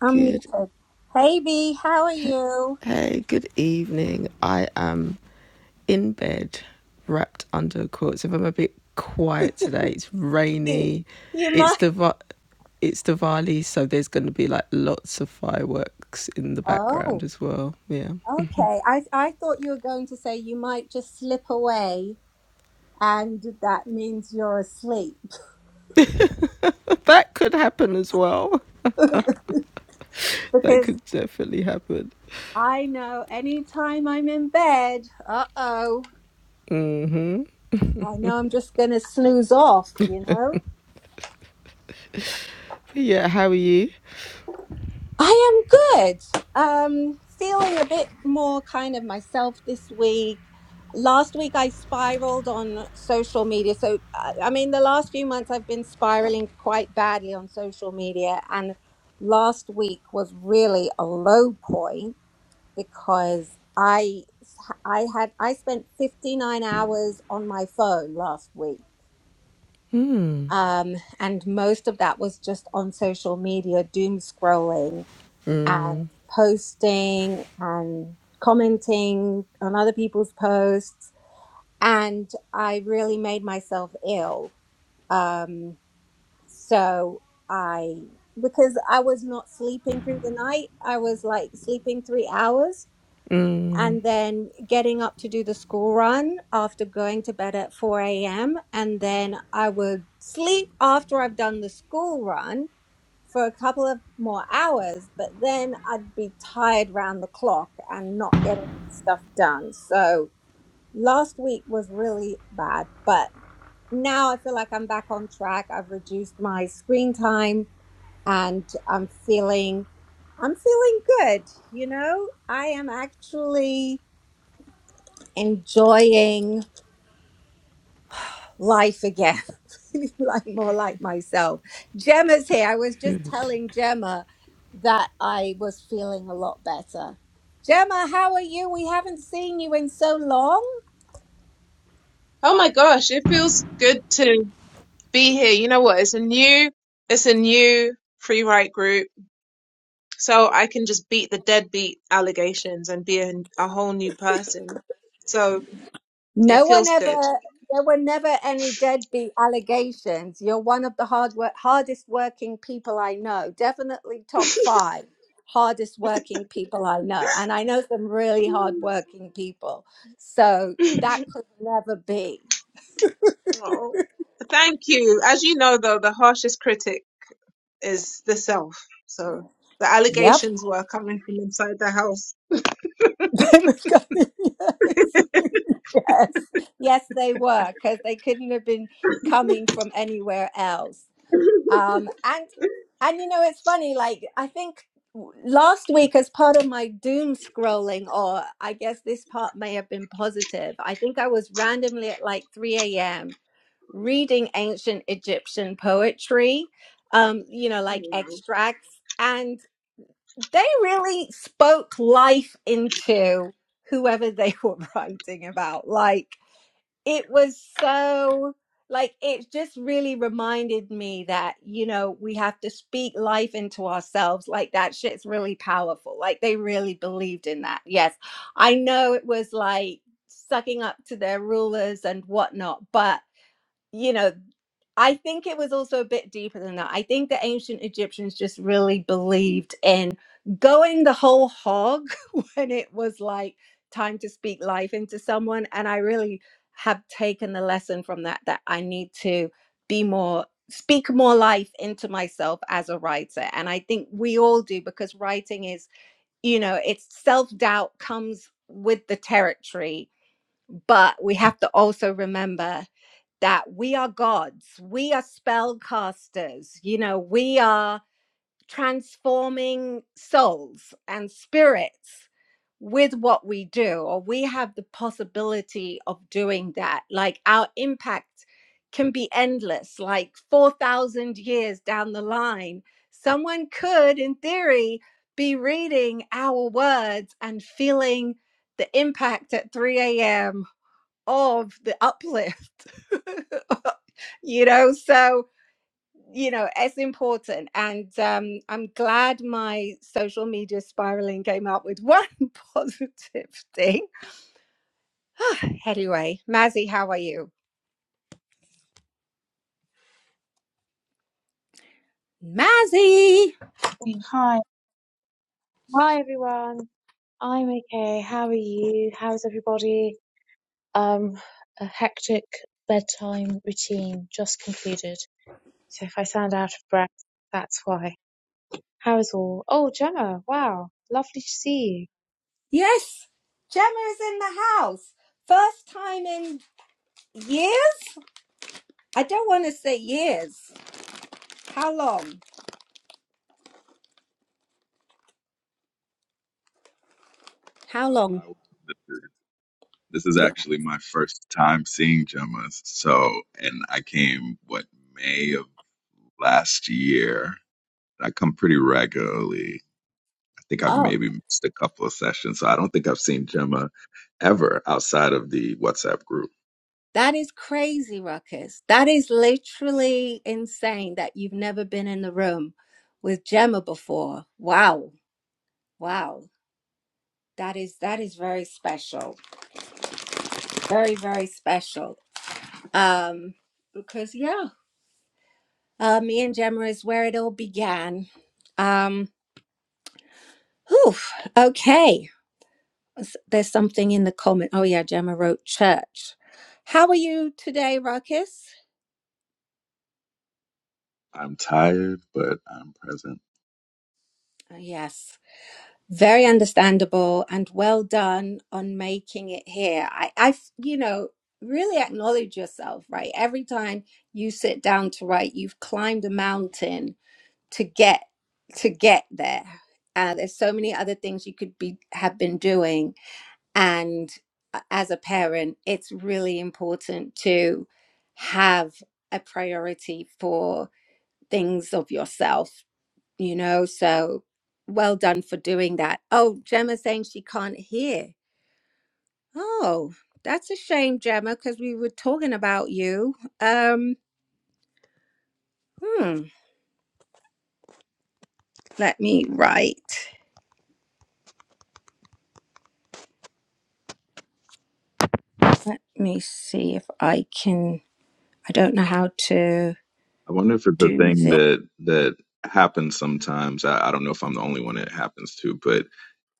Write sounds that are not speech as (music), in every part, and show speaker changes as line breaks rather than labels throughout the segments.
I'm
Good.
muted. Hey B, how are you?
Hey, good evening. I am in bed, wrapped under a quilt. So I'm a bit quiet today, it's
You,
rainy.
you
It's
might.
Diva- it's Diwali, so there's going to be like lots of fireworks in the background
Oh,
as well. Yeah,
okay. I I thought you were going to say you might just slip away, and that means you're asleep.
(laughs) that could happen as well.
(laughs)
That
because
could definitely happen.
I know any time I'm in bed, uh oh, I know I'm just gonna snooze off. You know.
But yeah, how are you?
I am good. Um, feeling a bit more kind of myself this week. Last week I spiraled on social media. So, I I mean, the last few months I've been spiraling quite badly on social media. And last week was really a low point because I, I had, I spent 59 hours on my phone last week. Um, and most of that was just on social media, doom scrolling and posting and commenting on other people's posts. And I really made myself ill. Um, so I, because I was not sleeping through the night, I was like sleeping three hours and then getting up to do the school run after going to bed at 4 a.m. And then I would sleep after I've done the school run for a couple of more hours, but then I'd be tired round the clock and not getting stuff done. So last week was really bad, but now I feel like I'm back on track. I've reduced my screen time and I'm feeling I'm feeling good, you know? I am actually enjoying life again, (laughs) like more like myself. Gemma's here. I was just telling Gemma that I was feeling a lot better. Gemma, how are you? We haven't seen you in so long.
Oh my gosh, it feels good to be here. You know what? It's a new, it's a new free write group, so I can just beat the deadbeat allegations and be a, a whole new person. So it
No one
feels good.
ever, there were never any deadbeat allegations. You're one of the hard work, hardest working people I know, definitely
(laughs)
top five hardest working people I know. And I know some really hard working people. So that could never be.
oh, thank you. As you know, though, the harshest critic is the self. So the
Yep.
allegations were coming from inside the house.
(laughs) They were coming- (laughs) yes. Yes. Yes, they were, because they couldn't have been coming from anywhere else. Um, and and you know, it's funny. Like I think w- last week, as part of my doom scrolling, or I guess this part may have been positive. I think I was randomly at like three a.m. reading ancient Egyptian poetry. Um, you know, like
Anyway,
extracts, and they really spoke life into whoever they (laughs) were writing about. Like it was so like it just really reminded me that you know we have to speak life into ourselves like that shit's really powerful like they really believed in that yes i know it was like sucking up to their rulers and whatnot but you know, I think it was also a bit deeper than that. I think the ancient Egyptians just really believed in going the whole hog (laughs) when it was like time to speak life into someone. And I really have taken the lesson from that that I need to be more, speak more life into myself as a writer. And I think we all do because writing is, you know, it's self doubt comes with the territory but we have to also remember that we are gods, we are spellcasters, you know, we are transforming souls and spirits with what we do, or we have the possibility of doing that. Like our impact can be endless, like 4,000 years down the line, someone could, in theory, be reading our words and feeling the impact at 3 a.m of the uplift (laughs) you know so you know it's important and um i'm glad my social media spiraling came up with one (laughs) positive thing (sighs) anyway mazzy how are you mazzy
Mm, Hi. Hi everyone. I'm okay. How are you? How's everybody? Um, a hectic bedtime routine just concluded. So if I sound out of breath, that's why. How is all? Oh, Gemma, wow. Lovely to see
yes gemma is in the house first time in years i don't want to say years how long how long
I, I this is actually my first time seeing Gemma. So, and I came what May of last year. I come pretty regularly. I think I've
Oh.
maybe missed a couple of sessions. So I don't think I've seen Gemma ever outside of the WhatsApp group.
That is crazy, Ruckus. That is literally insane that you've never been in the room with Gemma before. Wow. Wow. That is that is very special. Very, very special. Um, because yeah. Uh me and Gemma is where it all began. Um, whew, okay. S- There's something in the comment. Oh yeah, Gemma wrote church. How are you today, Ruckus?
I'm tired, but I'm present.
Oh, yes. Very understandable and well done on making it here. I, I, you know, really acknowledge yourself, right? Every time you sit down to write, you've climbed a mountain to get to get there. Uh, there's so many other things you could be have been doing, and a- as a parent, it's really important to have a priority for things of yourself you know so well done for doing that oh gemma saying she can't hear oh that's a shame gemma because we were talking about you um hmm let me write let me see if i can i don't know how to
I wonder if it's a
do
thing
this
that that happens sometimes. I, I don't know if I'm the only one it happens to, but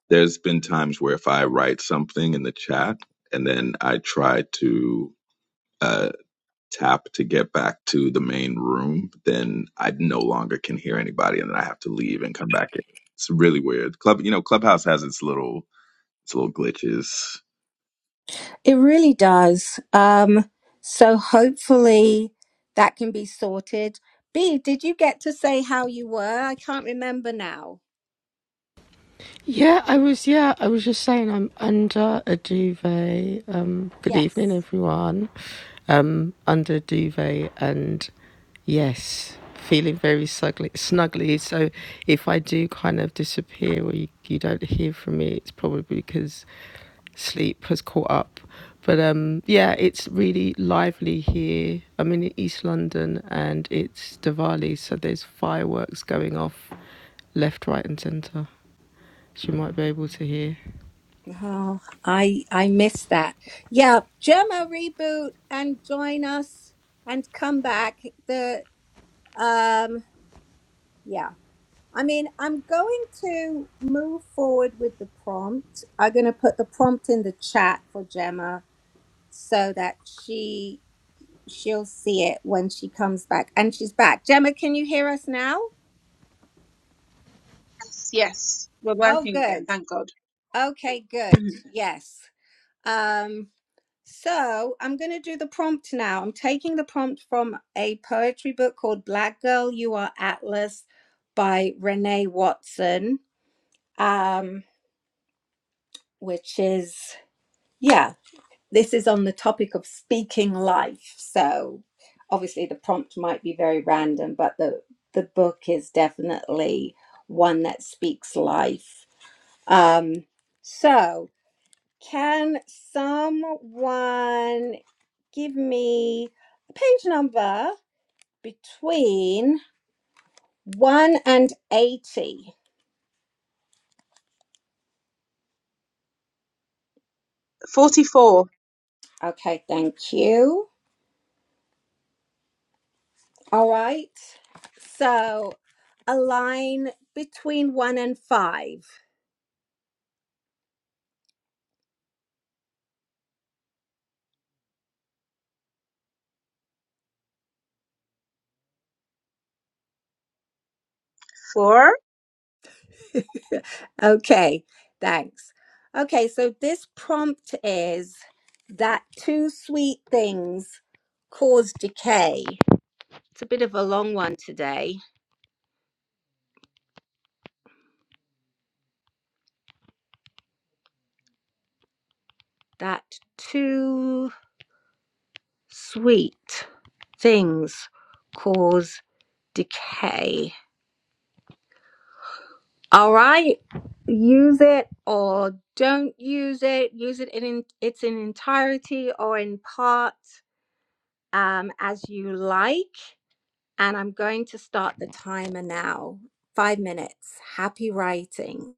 there's been times where if I write something in the chat and then I try to uh, tap to get back to the main room, then I no longer can hear anybody, and then I have to leave and come back in. It's really weird. Club, you know, Clubhouse has its little its little glitches.
it really does um so hopefully that can be sorted b did you get to say how you were i can't remember now
Yeah, I was. Yeah, I was just saying I'm under a duvet. Um, good evening,
yes
everyone. Um, under a duvet, and yes, feeling very snuggly. Snuggly. So if I do kind of disappear or you, you don't hear from me, it's probably because sleep has caught up. But um, yeah, it's really lively here. I'm in East London, and it's Diwali, so there's fireworks going off left, right, and centre. She might be able to hear.
Oh, I I miss that. Yeah, Gemma reboot and join us and come back. The um yeah. I mean, I'm going to move forward with the prompt. I'm going to put the prompt in the chat for Gemma so that she she'll see it when she comes back. And she's back. Gemma, can you hear us now?
yes, we're
Oh,
working again.
good.
Thank God.
Okay, good.
Mhm.
Yes. Um. So I'm going to do the prompt now. I'm taking the prompt from a poetry book called Black Girl, You Are Atlas by Renee Watson, um, which is, yeah, this is on the topic of speaking life. So obviously the prompt might be very random, but the, the book is definitely one that speaks life. Um, so can someone give me a page number between 1 and 80.
Forty-four.
Okay, thank you. All right. So a line between 1 and 5.
Four.
(laughs) okay, thanks. Okay, so this prompt is that two sweet things cause decay. It's a bit of a long one today. That two sweet things cause decay. All right, use it or don't use it. Use it in, its in entirety or in part um, as you like. And I'm going to start the timer now. Five minutes. Happy writing.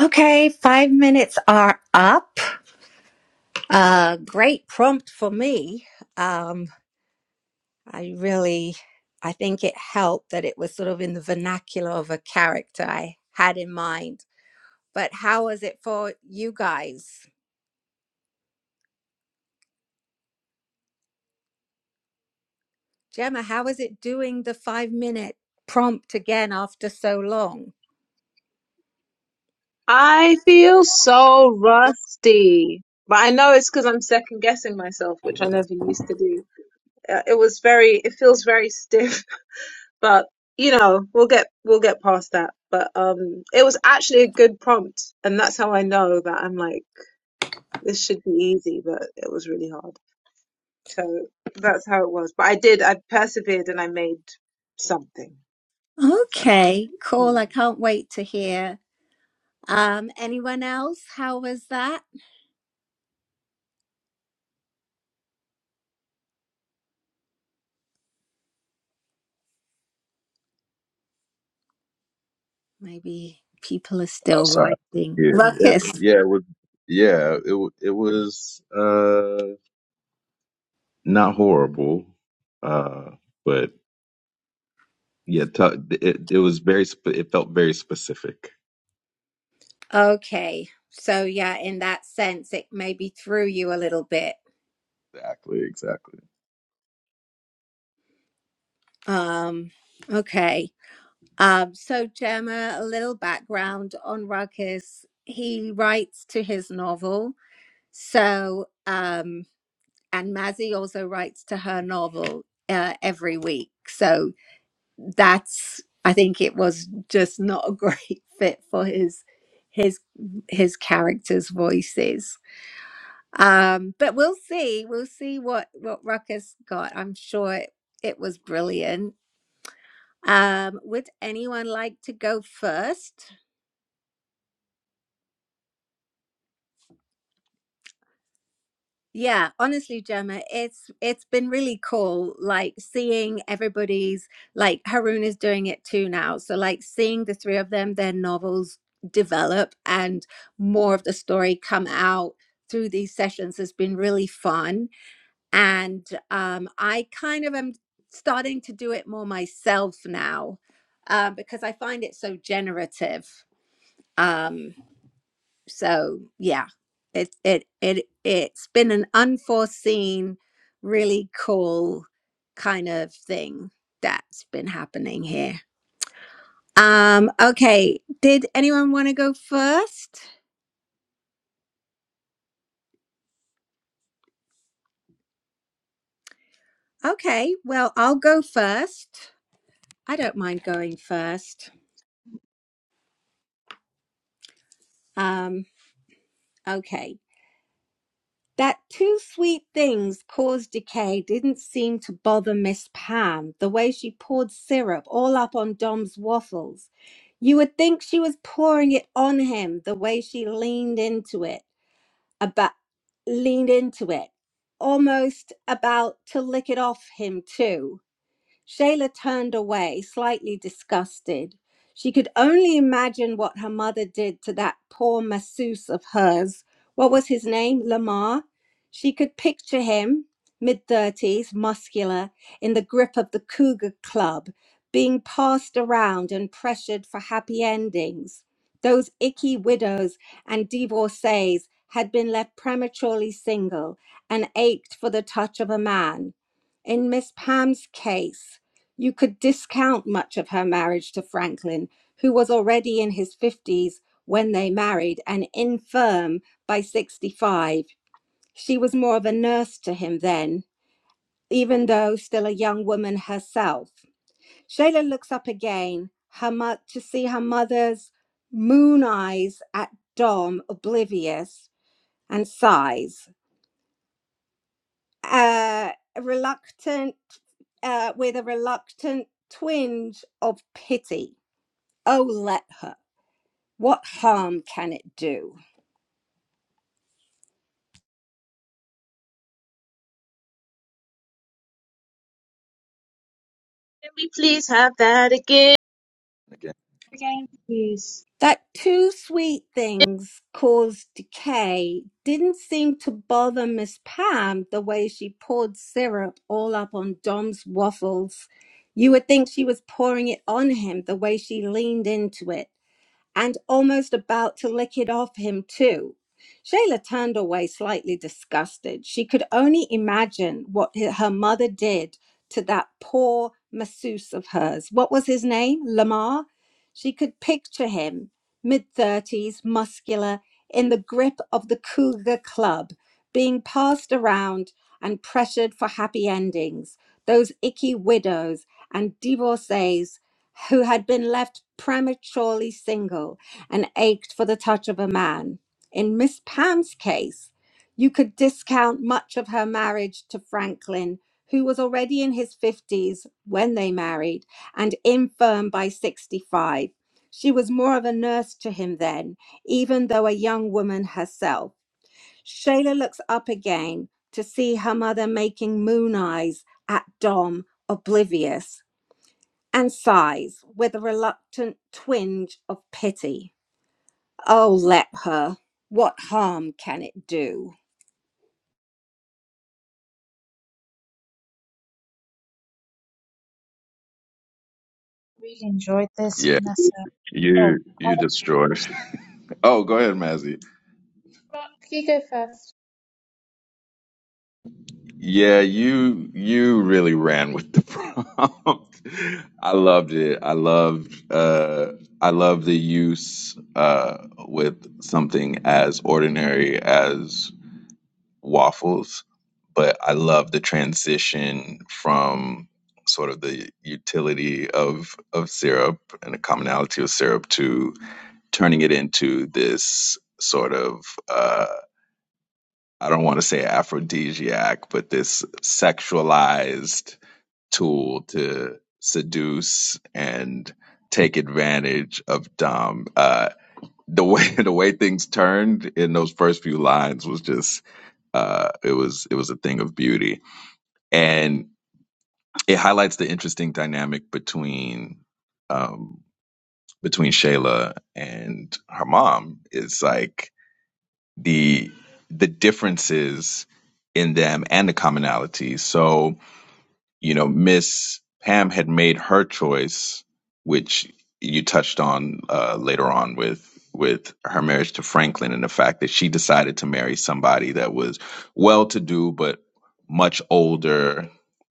Okay, five minutes are up. Uh, great prompt for me. Um, I really, I think it helped that it was sort of in the vernacular of a character I had in mind. But how was it for you guys? Gemma, how was it doing the five minute prompt again after so long?
I feel so rusty, but I know it's because I'm second guessing myself, which I never used to do. Uh, It was very, it feels very stiff, (laughs) but you know, we'll get we'll get past that. But um, it was actually a good prompt, and that's how I know that I'm like this should be easy, but it was really hard. So that's how it was. But I did, I persevered, and I made something. So.
Okay, cool.
mm.
I can't wait to hear. Um, anyone else? How was that? Maybe people are
Oh,
still
sorry.
writing.
Yeah, yeah,
Ruckus.
yeah. It was, yeah, it wa- it was uh, not horrible, uh, but yeah, t- it it was very. Sp- it felt very specific.
Okay. So, yeah, in that sense, it maybe threw you a little bit.
Exactly. Exactly.
Um, okay. Um, so, Gemma, a little background on Ruckus. He writes to his novel. So, um, and Mazzy also writes to her novel uh, every week. So, that's, I think it was just not a (laughs) great fit for his his his characters voices um but we'll see we'll see what what ruckus got i'm sure it, it was brilliant um would anyone like to go first Yeah, honestly, Gemma, it's it's been really cool like seeing everybody's like Haroon is doing it too now. So like seeing the three of them, their novels develop and more of the story come out through these sessions has been really fun. And um I kind of am starting to do it more myself now, um, because I find it so generative. Um, so yeah it it it it's been an unforeseen really cool kind of thing that's been happening here um okay did anyone want to go first okay well i'll go first i don't mind going first um okay That two sweet things cause decay didn't seem to bother Miss Pam, the way she poured syrup all up on Dom's waffles. You would think she was pouring it on him, the way she leaned into it, about leaned into it, almost about to lick it off him too. Shayla turned away, slightly disgusted. She could only imagine what her mother did to that poor masseuse of hers. What was his name? Lamar. She could picture him, mid 30s, muscular, in the grip of the Cougar Club, being passed around and pressured for happy endings. Those icky widows and divorcees had been left prematurely single and ached for the touch of a man in Miss Pam's case, you could discount much of her marriage to Franklin, who was already in his 50s when they married and infirm by 65. She was more of a nurse to him then, even though still a young woman herself. Shayla looks up again her mo- to see her mother's moon eyes at Dom, oblivious, and sighs. uh, reluctant, uh, with a reluctant twinge of pity. Oh, let her. What harm can it do?
Can we please have that
Again.
you. Again, please.
That two sweet things caused decay didn't seem to bother Miss Pam the way she poured syrup all up on Dom's waffles. You would think she was pouring it on him the way she leaned into it and almost about to lick it off him, too. Shayla turned away slightly disgusted. She could only imagine what her mother did to that poor masseuse of hers. What was his name? Lamar? She could picture him, mid 30s, muscular, in the grip of the Cougar Club, being passed around and pressured for happy endings. Those icky widows and divorcees who had been left prematurely single and ached for the touch of a man. In Miss Pam's case, you could discount much of her marriage to Franklin, who was already in his 50s when they married and infirm by 65. She was more of a nurse to him then, even though a young woman herself. Shayla looks up again to see her mother making moon eyes at Dom, oblivious and sighs with a reluctant twinge of pity. Oh, let her. What harm can it do?
Really enjoyed this,
Yeah,
Vanessa. Oh,
you you
I'll-
destroyed. (laughs) Oh, go ahead, Mazzy.
you go first.
Yeah, you you really ran with the (laughs) prompt. I loved it. I loved uh I love the use uh with something as ordinary as waffles, but I love the transition from sort of the utility of of syrup and the commonality of syrup to turning it into this sort of uh, I don't want to say aphrodisiac, but this sexualized tool to seduce and take advantage of Dom. Uh, the (laughs) way the way things turned in those first few lines was just uh, it was it was a thing of beauty, and it highlights the interesting dynamic between um, between Shayla and her mom. It's like the the differences in them and the commonalities. So, you know, Miss Pam had made her choice, which you touched on uh, later on with with her marriage to Franklin and the fact that she decided to marry somebody that was well to do but much older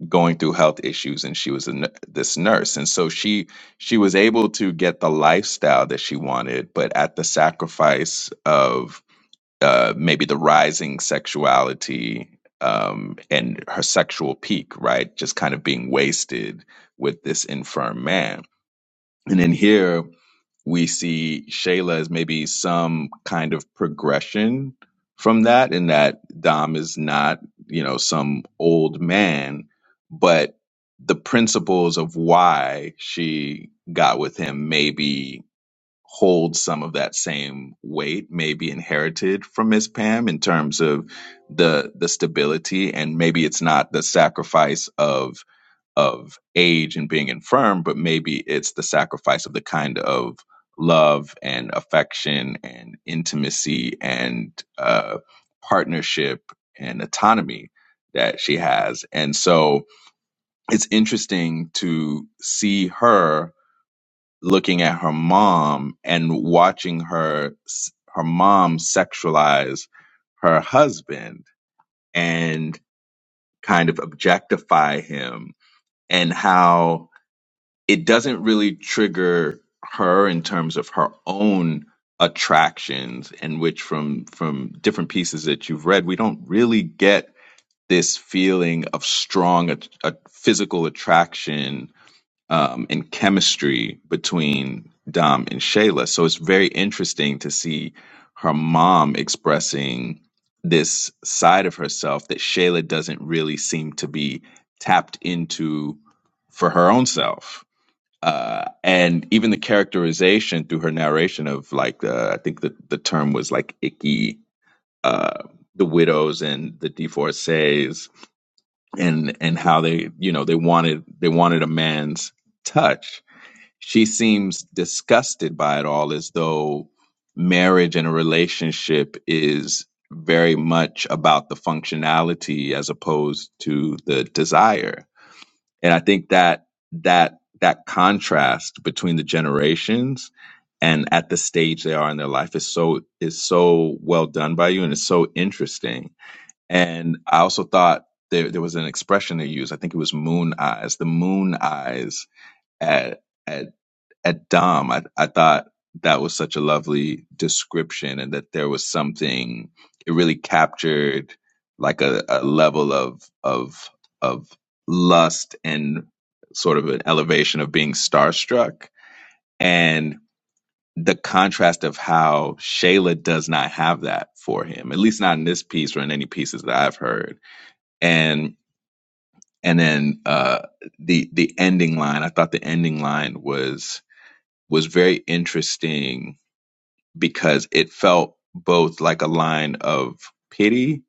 going through health issues and she was a, nu- this nurse and so she she was able to get the lifestyle that she wanted but at the sacrifice of uh, maybe the rising sexuality um, and her sexual peak, right? Just kind of being wasted with this infirm man. And in here, we see Shayla as maybe some kind of progression from that, in that Dom is not, you know, some old man, but the principles of why she got with him maybe holds some of that same weight, maybe inherited from Miss Pam in terms of the the stability, and maybe it's not the sacrifice of of age and being infirm, but maybe it's the sacrifice of the kind of love and affection and intimacy and uh, partnership and autonomy that she has, and so it's interesting to see her looking at her mom and watching her her mom sexualize her husband and kind of objectify him and how it doesn't really trigger her in terms of her own attractions and which from from different pieces that you've read we don't really get this feeling of strong a, a physical attraction um, and chemistry between Dom and Shayla. So it's very interesting to see her mom expressing this side of herself that Shayla doesn't really seem to be tapped into for her own self. Uh, and even the characterization through her narration of like uh, I think the, the term was like icky, uh, the widows and the divorcees, and and how they you know they wanted they wanted a man's touch she seems disgusted by it all as though marriage and a relationship is very much about the functionality as opposed to the desire and i think that that that contrast between the generations and at the stage they are in their life is so is so well done by you and it's so interesting and i also thought there, there was an expression they used i think it was moon eyes the moon eyes at at Dom, I, I thought that was such a lovely description and that there was something it really captured like a, a level of of of lust and sort of an elevation of being starstruck and the contrast of how Shayla does not have that for him, at least not in this piece or in any pieces that I've heard. And and then uh the the ending line, I thought the ending line was was very interesting because it felt both like a line of pity,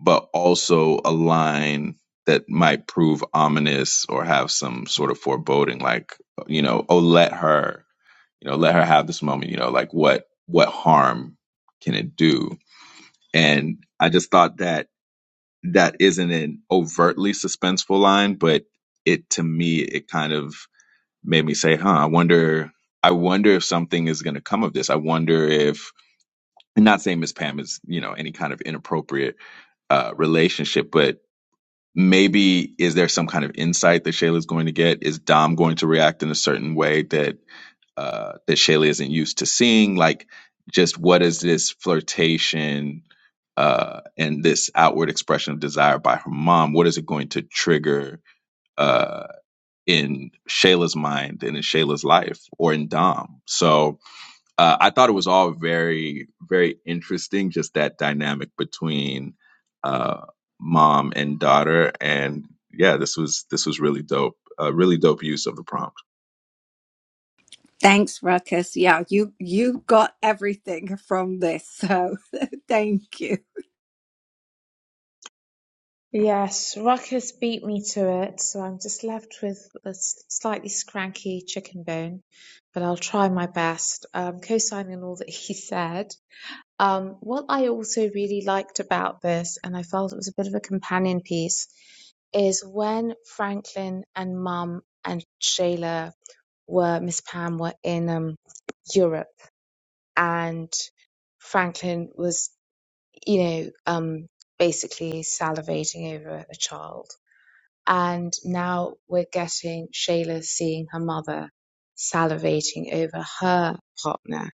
but also a line that might prove ominous or have some sort of foreboding, like, you know, oh, let her, you know, let her have this moment, you know, like what, what harm can it do? And I just thought that that isn't an overtly suspenseful line, but it to me, it kind of made me say, huh, I wonder, I wonder if something is going to come of this. I wonder if and not saying Miss Pam is, you know, any kind of inappropriate uh, relationship, but maybe is there some kind of insight that Shayla's going to get? Is Dom going to react in a certain way that uh, that Shayla isn't used to seeing? Like, just what is this flirtation uh, and this outward expression of desire by her mom? What is it going to trigger uh, in Shayla's mind and in Shayla's life or in Dom? So uh, I thought it was all very, very interesting, just that dynamic between uh, mom and daughter. And yeah, this was this was really dope. A Uh, really dope use of the prompt.
Thanks, Ruckus. Yeah, you you got everything from this, so (laughs) thank you.
Yes, Ruckus beat me to it, so I'm just left with a s- slightly scranky chicken bone, but I'll try my best, um, co-signing all that (laughs) he said. Um, what I also really liked about this, and I felt it was a bit of a companion piece, is when Franklin and Mum and Shayla were, Miss Pam were in um, Europe, and Franklin was, you know, um, basically salivating over a child and now we're getting Shayla seeing her mother salivating over her partner.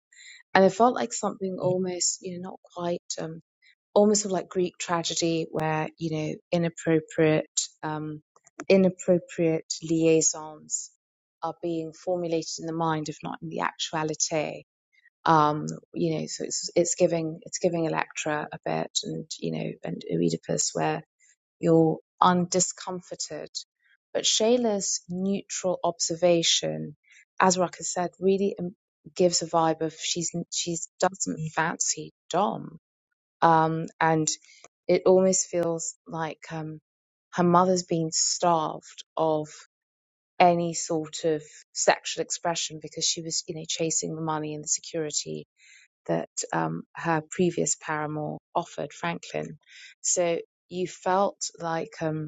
And it felt like something almost, you know, not quite, um, almost sort of like Greek tragedy where, you know, inappropriate, um, inappropriate liaisons are being formulated in the mind, if not in the actuality. Um, you know, so it's, it's giving, it's giving Electra a bit and, you know, and Oedipus where you're undiscomforted. But Shayla's neutral observation, as Rucker said, really um, gives a vibe of she's she's doesn't fancy Dom, um, and it almost feels like um, her mother's been starved of any sort of sexual expression because she was, you know, chasing the money and the security that um, her previous paramour offered Franklin. So you felt like um,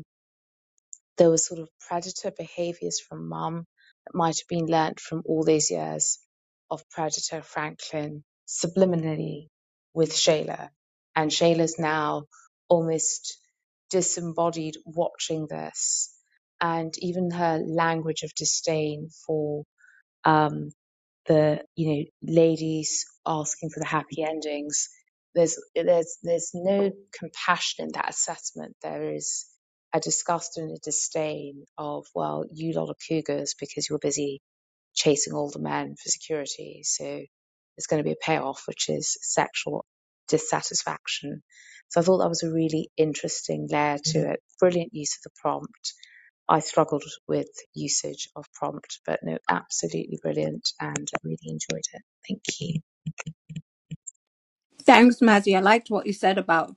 there was sort of predator behaviors from mum that might have been learnt from all these years of predator Franklin subliminally with Shayla. And Shayla's now almost disembodied watching this. And even her language of disdain for um, the you know ladies asking for the happy endings there's there's there's no compassion in that assessment there is a disgust and a disdain of well you lot are cougars because you're busy chasing all the men for security so there's going to be a payoff which is sexual dissatisfaction so i thought that was a really interesting layer to it brilliant use of the prompt I struggled with usage of prompt, but no, absolutely brilliant and I really enjoyed it. Thank you.
Thanks, Mazzy. I liked what you said about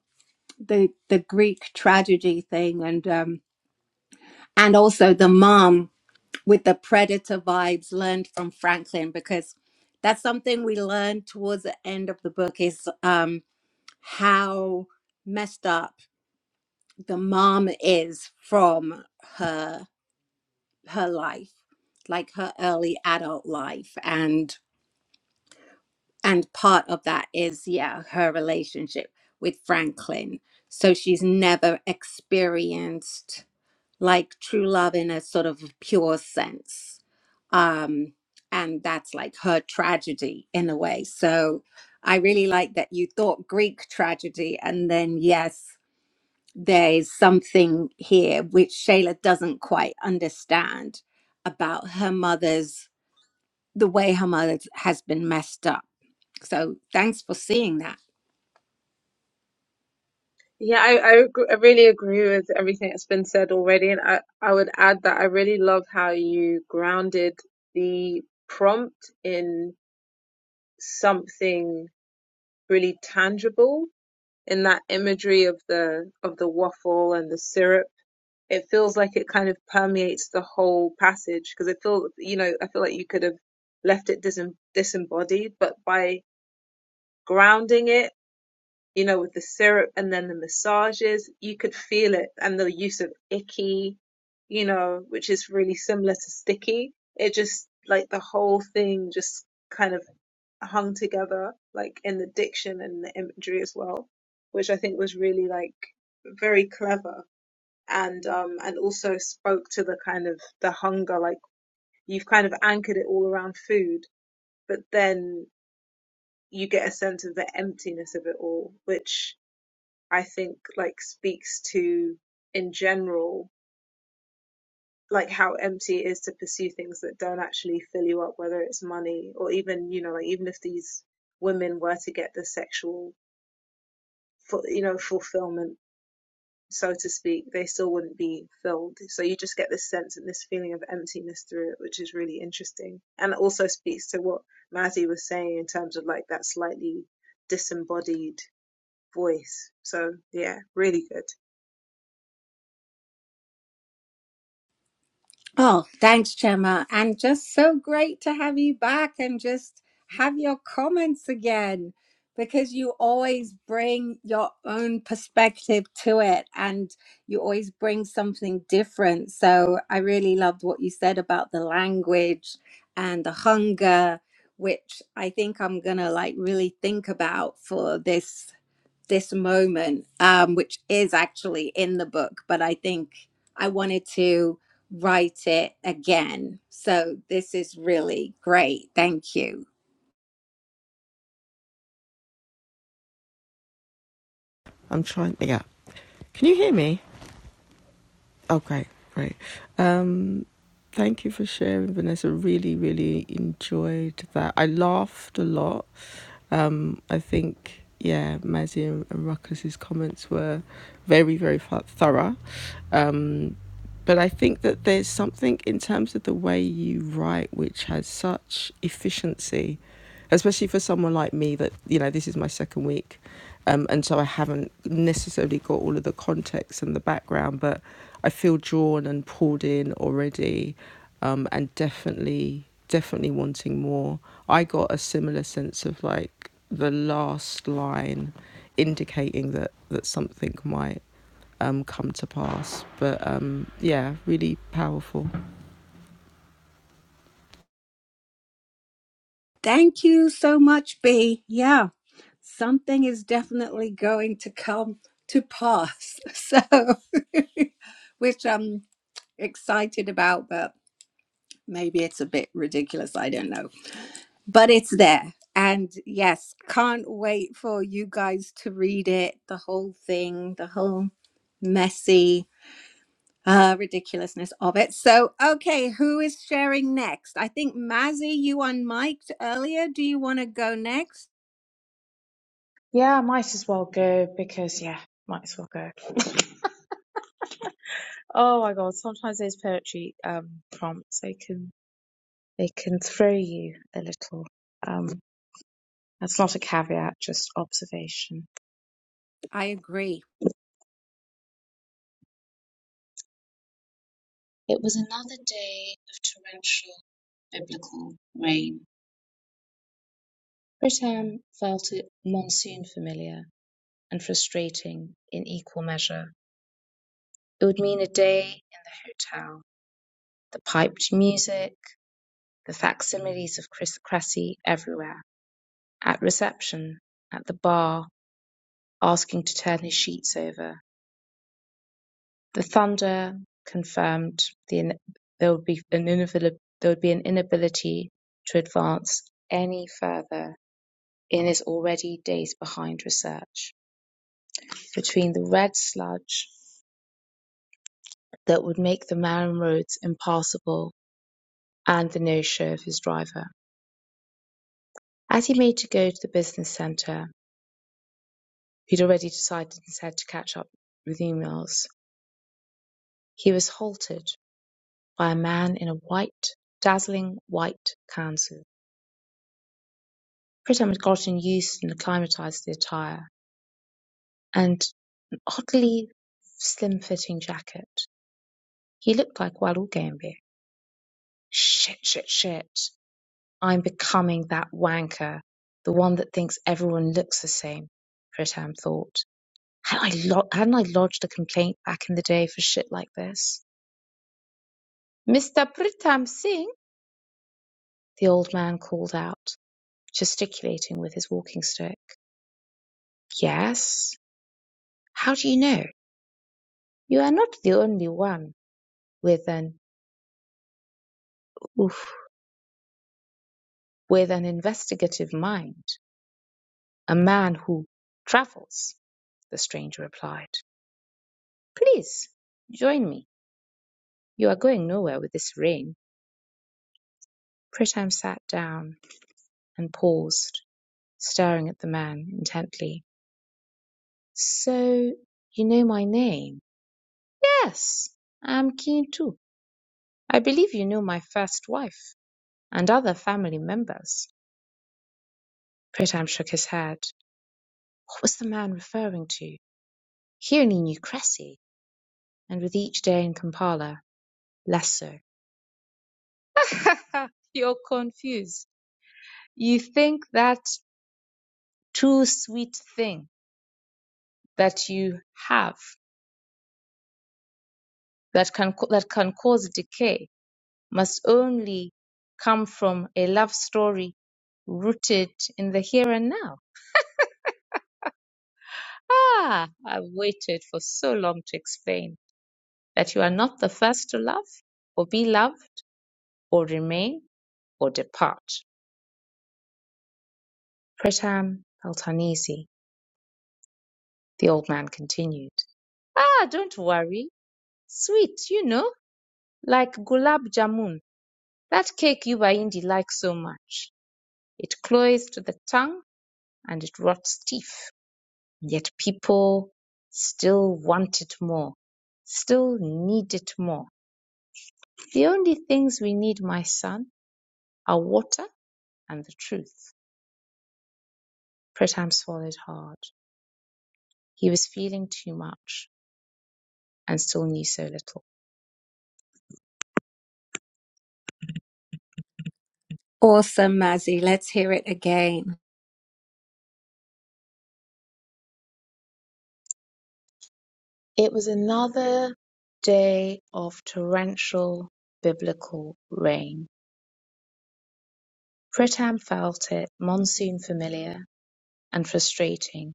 the the Greek tragedy thing, and um, and also the mom with the predator vibes learned from Franklin, because that's something we learned towards the end of the book is um, how messed up the mom is from her her life like her early adult life and and part of that is yeah her relationship with franklin so she's never experienced like true love in a sort of pure sense um and that's like her tragedy in a way so i really like that you thought greek tragedy and then yes there's something here which Shayla doesn't quite understand about her mother's the way her mother has been messed up. So thanks for seeing that.
Yeah, I, I, ag- I really agree with everything that's been said already. And I, I would add that I really love how you grounded the prompt in something really tangible in that imagery of the of the waffle and the syrup. It feels like it kind of permeates the whole passage because it feels, you know, I feel like you could have left it disem disembodied, but by grounding it you know, with the syrup and then the massages, you could feel it. And the use of icky, you know, which is really similar to sticky. It just, like, the whole thing just kind of hung together, like, in the diction and the imagery as well, which I think was really, like, very clever and, um, and also spoke to the kind of the hunger, like, you've kind of anchored it all around food, but then you get a sense of the emptiness of it all, which I think like speaks to in general like how empty it is to pursue things that don't actually fill you up, whether it's money or even you know like even if these women were to get the sexual you know fulfillment so to speak, they still wouldn't be filled. So you just get this sense and this feeling of emptiness through it, which is really interesting, and it also speaks to what Mazzy was saying in terms of like that slightly disembodied voice. So yeah, really good.
Oh, thanks, Gemma. And just so great to have you back and just have your comments again because you always bring your own perspective to it and you always bring something different. So I really loved what you said about the language and the hunger, which I think I'm going to like really think about for this this moment, um, which is actually in the book, but I think I wanted to write it again. So this is really great. Thank you.
I'm trying. Yeah. Can you hear me? Oh, great, great. Um, thank you for sharing, Vanessa. Really, really enjoyed that. I laughed a lot. Um, I think, yeah, Mazzy and, and Ruckus's comments were very, very thorough. Um, but I think that there's something in terms of the way you write which has such efficiency, especially for someone like me that, you know, this is my second week. Um, and so I haven't necessarily got all of the context and the background, but I feel drawn and pulled in already um, and definitely, definitely wanting more. I got a similar sense of like the last line indicating that, that something might um, come to pass. But um, yeah, really powerful.
Thank you so much, B. Yeah, something is definitely going to come to pass. (laughs) So, (laughs) which I'm excited about, but maybe it's a bit ridiculous. I don't know. but it's there. And yes, can't wait for you guys to read it, the whole thing, the whole messy uh, ridiculousness of it. So, okay, who is sharing next? I think Mazzy, you unmiked earlier. Do you want to go next?
Yeah, might as well go because, yeah, might as well go. (laughs) oh my God, sometimes those poetry um, prompts, they can, they can throw you a little. Um, that's not a caveat, just observation.
I agree.
It was another day of torrential biblical rain. Britam felt it monsoon familiar and frustrating in equal measure. It would mean a day in the hotel, the piped music, the facsimiles of Chris Cressy everywhere, at reception, at the bar, asking to turn his sheets over. The thunder confirmed the in- there would be an inavili- there would be an inability to advance any further in his already days behind research. Between the red sludge that would make the Marham roads impassable and the no show of his driver. As he made to go to the business center, he'd already decided instead to catch up with emails. He was halted by a man in a white, dazzling white kanzu. Pritam had gotten used and acclimatized to the attire and an oddly slim-fitting jacket. He looked like Walu Gambier. Shit, shit, shit. I'm becoming that wanker, the one that thinks everyone looks the same, Pritam thought. Hadn't I, lo- hadn't I lodged a complaint back in the day for shit like this? Mr. Pritam Singh, the old man called out, gesticulating with his walking stick. Yes? How do you know? You are not the only one with an oof, with an investigative mind. A man who travels, the stranger replied. Please, join me. You are going nowhere with this rain. Pritam sat down and paused, staring at the man intently. "So you know my name?" "Yes, I am keen too. I believe you know my first wife and other family members." Pritam shook his head. What was the man referring to? He only knew Cressy, and with each day in Kampala, less so. (laughs) You're confused. You think that too sweet thing that you have that can that can cause decay must only come from a love story rooted in the here and now. Ah, I've waited for so long to explain that you are not the first to love, or be loved, or remain, or depart. Pretam felt uneasy. The old man continued. Ah, don't worry. Sweet, you know, like gulab jamun, that cake you Bahindi like so much. It cloys to the tongue and it rots teeth. Yet people still want it more, still need it more. The only things we need, my son, are water and the truth. Pretam swallowed hard. He was feeling too much and still knew so little.
Awesome, Mazzy. Let's hear it again.
It was another day of torrential biblical rain. Pritam felt it, monsoon familiar and frustrating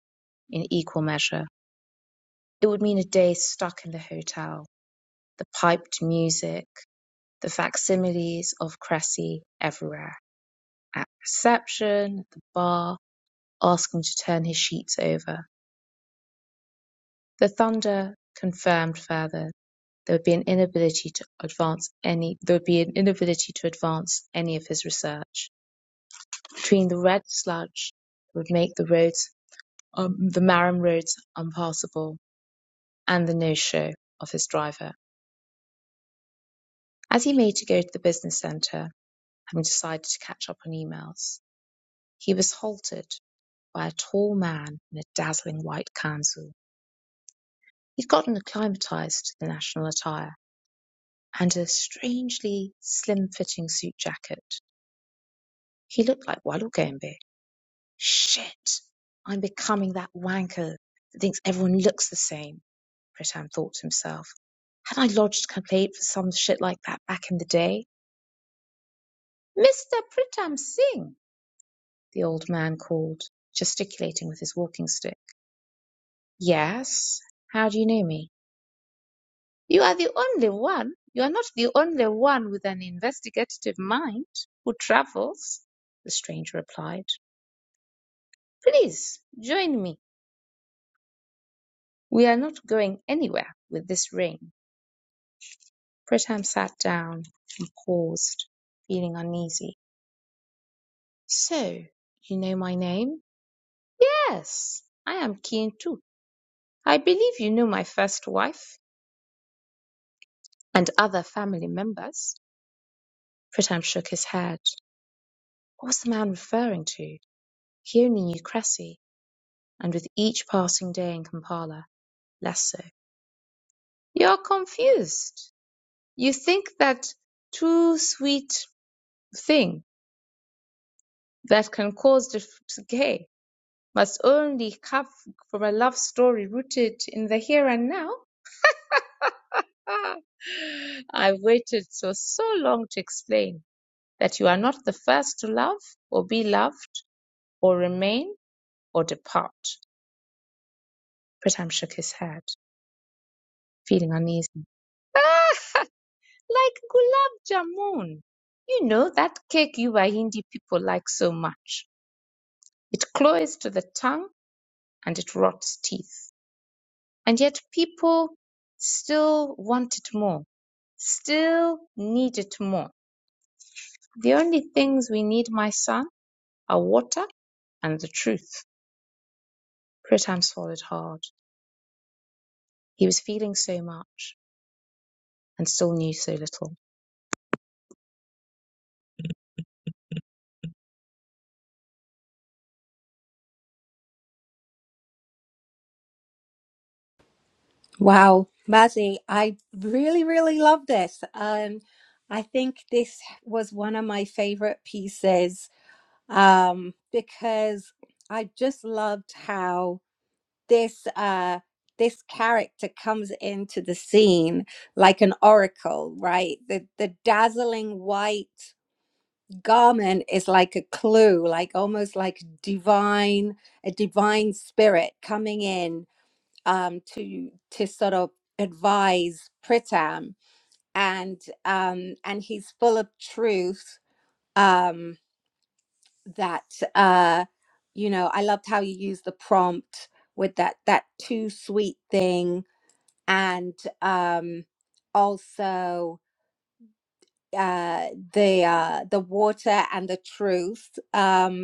in equal measure. It would mean a day stuck in the hotel the piped music, the facsimiles of Cressy everywhere. At reception, at the bar, asking to turn his sheets over. The thunder confirmed further there would be an inability to advance any there would be an inability to advance any of his research. Between the red sludge that would make the roads um, the Marham roads unpassable and the no show of his driver. As he made to go to the business centre, having decided to catch up on emails, He was halted by a tall man in a dazzling white kanzu. He'd gotten acclimatized to the national attire and a strangely slim-fitting suit jacket. He looked like Walugembe. Shit! I'm becoming that wanker that thinks everyone looks the same, Pritam thought to himself. Had I lodged a complaint for some shit like that back in the day? Mr. Pritam Singh, the old man called, gesticulating with his walking stick. Yes? How do you know me? You are the only one, you are not the only one with an investigative mind who travels, the stranger replied. Please join me. We are not going anywhere with this ring." Pritam sat down and paused, feeling uneasy. So, you know my name? Yes, I am keen too. I believe you know my first wife and other family members. Pritam shook his head. What was the man referring to? He only knew Cressy And with each passing day in Kampala, less so. You're confused. You think that too sweet thing that can cause dif- decay must only come from a love story rooted in the here and now? Ah, I've waited so, so long to explain that you are not the first to love or be loved or remain or depart. Pritam shook his head, feeling uneasy. Like gulab jamun. You know that cake you Wahindi people like so much. It cloys to the tongue and it rots teeth. And yet people still want it more, still need it more. The only things we need, my son, are water and the truth. Pritam swallowed hard. He was feeling so much and still knew so little.
Wow, Mazzy, I really, really love this. Um, I think this was one of my favorite pieces um, because I just loved how this uh, this character comes into the scene like an oracle, right? The the dazzling white garment is like a clue, like almost like divine a divine spirit coming in um, to to sort of advise Pritam, and um, and he's full of truth. Um, that uh you know i loved how you used the prompt with that that too sweet thing and um also uh the uh the water and the truth um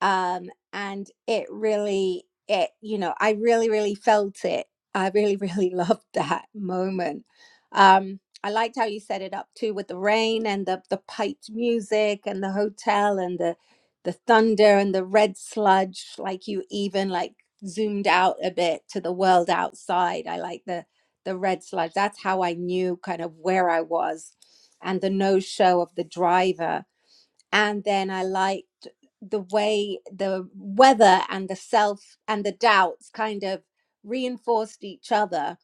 um and it really it you know i really really felt it i really really (laughs) loved that moment um i liked how you set it up too with the rain and the the piped music and the hotel and the the thunder and the red sludge like you even like zoomed out a bit to the world outside i like the the red sludge that's how i knew kind of where i was and the no show of the driver and then I liked the way the weather and the self and the doubts kind of reinforced each other.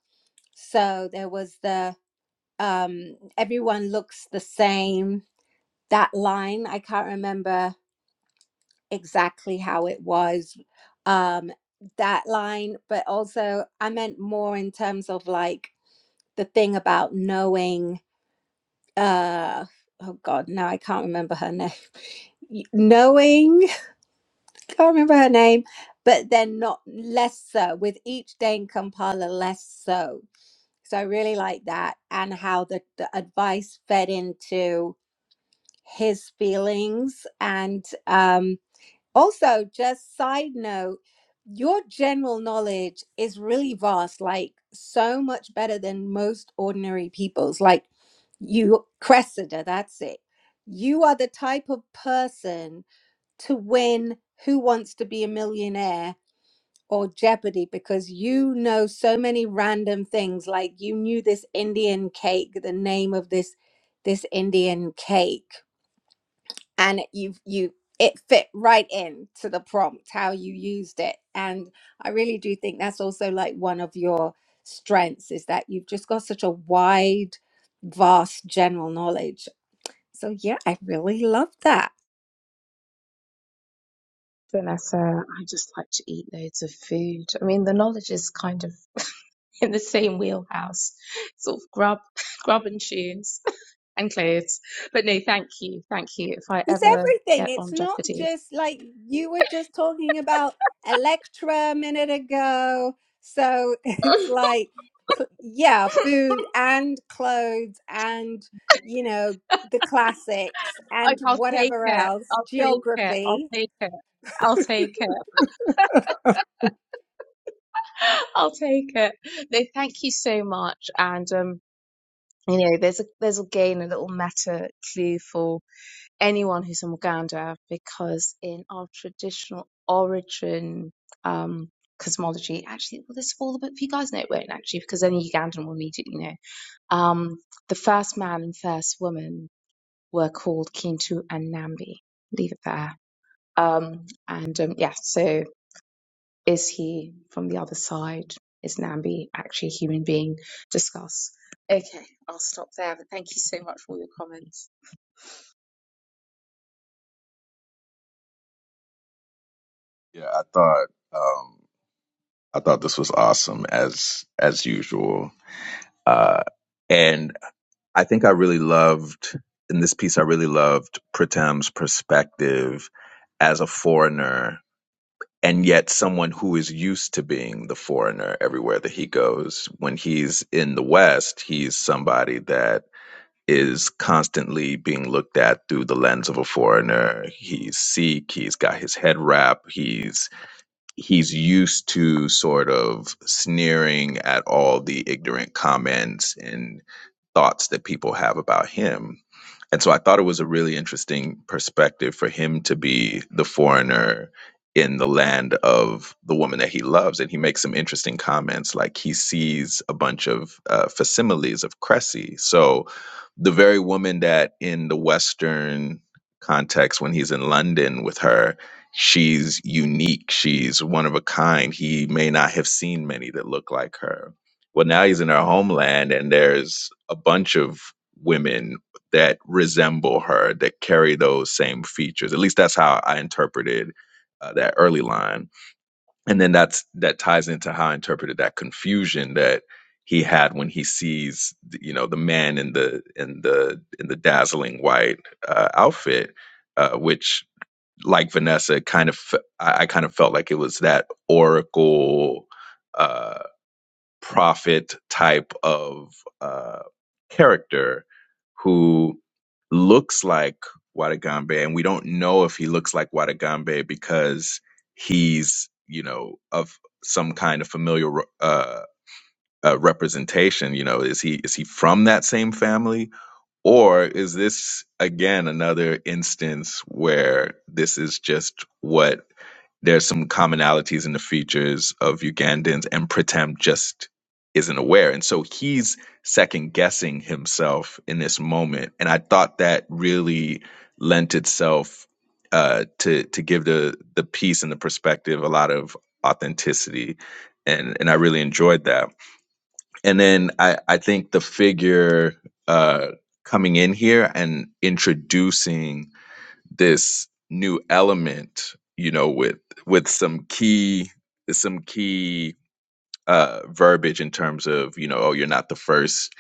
So there was the um, everyone looks the same. That line I can't remember exactly how it was. Um, that line, but also I meant more in terms of like the thing about knowing. Uh, oh God, now I can't remember her name. (laughs) Y- Knowing can't remember her name, but then not less so with each day in Kampala, less so. So I really like that and how the, the advice fed into his feelings. And um, also, just side note, your general knowledge is really vast, like so much better than most ordinary people's. Like you, Cressida, that's it. You are the type of person to win Who Wants to Be a Millionaire or Jeopardy because you know so many random things. Like you knew this Indian cake, the name of this this Indian cake, and it- you you it fit right in to the prompt how you used it. And I really do think that's also like one of your strengths is that you've just got such a wide, vast general knowledge. So yeah, I really love that.
Vanessa, I just like to eat loads of food. I mean, the knowledge is kind of (laughs) in the same wheelhouse, sort of grub, (laughs) grub and tunes (laughs) and clothes. But no, thank you, thank you. If I
It's
ever
everything.
get
It's
on
not
Jeopardy,
just like you were just talking about Electra a minute ago. So (laughs)
(laughs)
it's
I-
like, cl- yeah, food and clothes and, you know, the classics and
I'll take
whatever
it.
else,
I'll take it. I'll
geography.
take it. I'll take it. (laughs) I'll take it. No, thank you so much. And um, you know, there's a there's again a little meta clue for anyone who's from Uganda because in our traditional origin um, cosmology, actually, well, this will all but you guys know it won't actually, because any Ugandan will immediately know. Um, the first man and first woman were called Kintu and Nambi. Leave it there. Um, and um, yeah, so is he from the other side? Is Nambi actually a human being? Discuss. Okay, I'll stop there, but thank you so much for all your comments.
Yeah, I thought um, I thought this was awesome as as usual, uh, and I think I really loved in this piece. I really loved Pritam's perspective as a foreigner and yet someone who is used to being the foreigner everywhere that he goes when he's in the west he's somebody that is constantly being looked at through the lens of a foreigner he's sikh he's got his head wrap he's he's used to sort of sneering at all the ignorant comments and thoughts that people have about him and so I thought it was a really interesting perspective for him to be the foreigner in the land of the woman that he loves. And he makes some interesting comments, like he sees a bunch of uh, facsimiles of Cressy. So the very woman that in the Western context, when he's in London with her, she's unique, she's one of a kind. He may not have seen many that look like her. Well, now he's in her homeland, and there's a bunch of women that resemble her that carry those same features at least that's how i interpreted uh, that early line and then that's that ties into how i interpreted that confusion that he had when he sees you know the man in the in the in the dazzling white uh, outfit uh, which like vanessa kind of I I kind of felt like it was that oracle uh, prophet type of uh, character who looks like Watagambe, and we don't know if he looks like Watagambe because he's, you know, of some kind of familial uh, uh, representation. You know, is he is he from that same family, or is this again another instance where this is just what there's some commonalities in the features of Ugandans, and Pritam just isn't aware. And so he's second guessing himself in this moment. And I thought that really lent itself uh, to to give the the piece and the perspective a lot of authenticity. And and I really enjoyed that. And then I, I think the figure uh, coming in here and introducing this new element you know with with some key some key uh verbiage in terms of you know oh you're not the first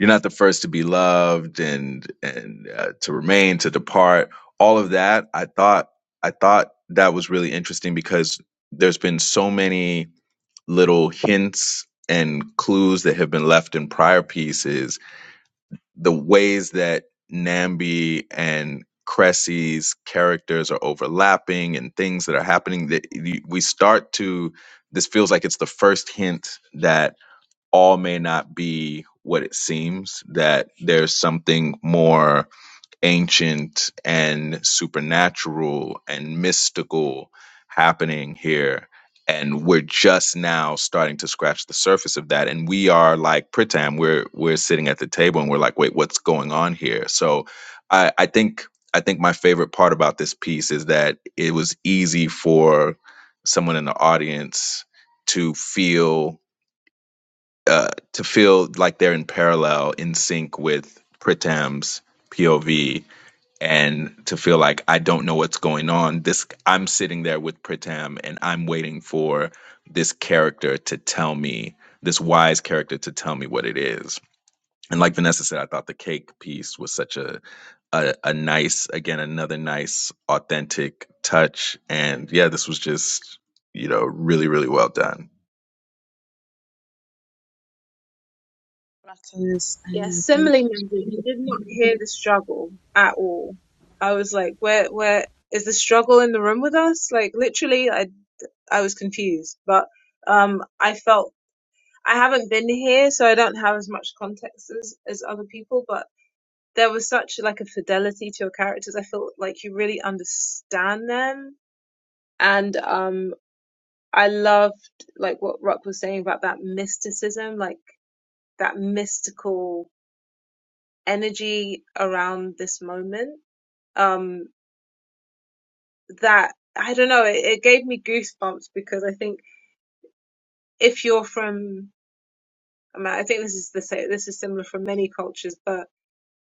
you're not the first to be loved and and uh, to remain to depart all of that i thought i thought that was really interesting because there's been so many little hints and clues that have been left in prior pieces the ways that Nambi and Cressy's characters are overlapping and things that are happening that we start to this feels like it's the first hint that all may not be what it seems that there's something more ancient and supernatural and mystical happening here. And we're just now starting to scratch the surface of that. And we are like Pritam, we're we're sitting at the table and we're like, wait, what's going on here? So I, I think I think my favorite part about this piece is that it was easy for someone in the audience to feel uh, to feel like they're in parallel in sync with Pritam's POV and to feel like I don't know what's going on. This I'm sitting there with Pritam and I'm waiting for this character to tell me, this wise character to tell me what it is. And like Vanessa said, I thought the cake piece was such a a, a nice, again, another nice, authentic touch. And yeah, this was just, you know, really, really well done.
Rattles and
Yeah,
yeah, thank
similarly, I did not hear the struggle at all. I was like, where, where is the struggle in the room with us? Like, literally, I, I was confused, but, um, I felt I haven't been here, so I don't have as much context as, as other people, but there was such like a fidelity to your characters. I felt like you really understand them. And, um, I loved like what Rock was saying about that mysticism, like that mystical energy around this moment um, that I don't know. It, it gave me goosebumps because I think if you're from, I mean, I think this is the same. This is similar from many cultures, but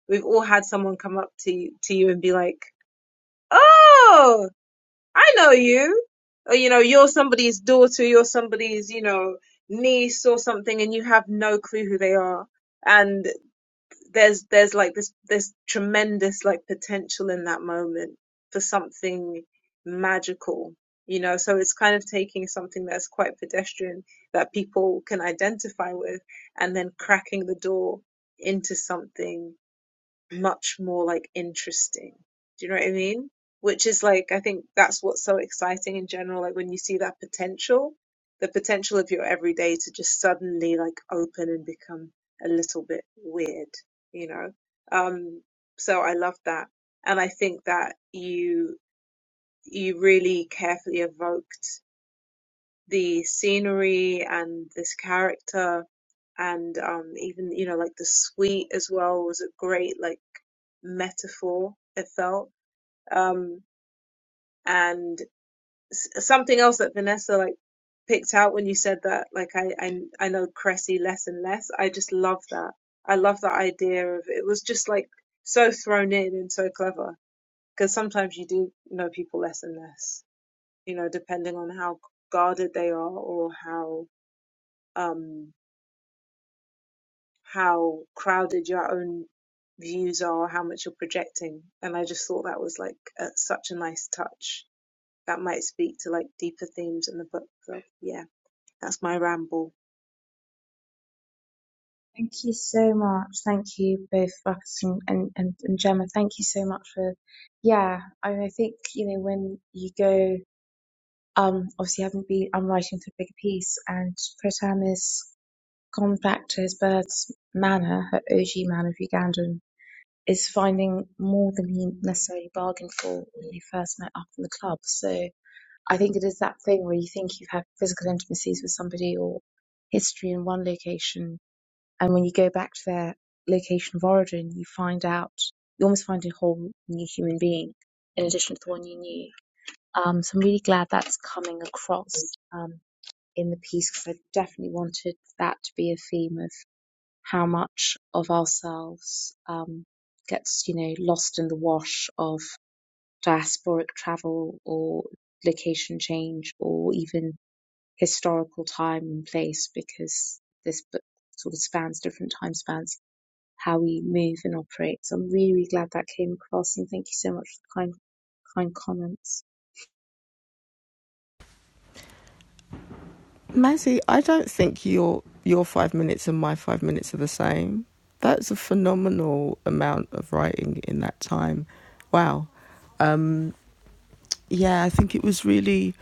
we've all had someone come up to you- to you and be like, "Oh, I know you," or you know, you're somebody's daughter, you're somebody's, you know, niece or something, and you have no clue who they are. And there's there's like this there's tremendous like potential in that moment for something magical you know so it's kind of taking something that's quite pedestrian that people can identify with and then cracking the door into something much more like interesting. Do you know what I mean? Which is like, I think that's what's so exciting in general. Like when you see that potential, the potential of your everyday to just suddenly like open and become a little bit weird, you know? Um, so I love that. And I think that you, you really carefully evoked the scenery and this character and um even you know like the sweet as well was a great like metaphor it felt um and s- something else that Vanessa like picked out when you said that like I I, I know Cressy less and less I just love that I love that idea of it was just like so thrown in and so clever because sometimes you do know people less and less you know depending on how guarded they are or how um, how crowded your own views are, how much you're projecting. And I just thought that was like a, such a nice touch that might speak to like deeper themes in the book. So yeah, that's my ramble.
Thank you so much. Thank you both, Ruckus and, and, and, and Gemma. Thank you so much for, yeah. I, mean, I think, you know, when you go, um, obviously having been, I'm writing for a bigger piece and Pritam has gone back to his birth's manor, her OG manor of Uganda and is finding more than he necessarily bargained for when he first met up in the club. So I think it is that thing where you think you've had physical intimacies with somebody or history in one location and when you go back to their location of origin, you find out, you almost find a whole new human being in addition to the one you knew. Um, so I'm really glad that's coming across um, in the piece because I definitely wanted that to be a theme of how much of ourselves um, gets, you know, lost in the wash of diasporic travel or location change or even historical time and place because this book sort of spans different time spans how we move and operate. So I'm really, really glad that came across and thank you so much for the kind, kind comments.
Mazzy, I don't think your your five minutes and my five minutes are the same. That's a phenomenal amount of writing in that time. Wow. Yeah, I think it was really,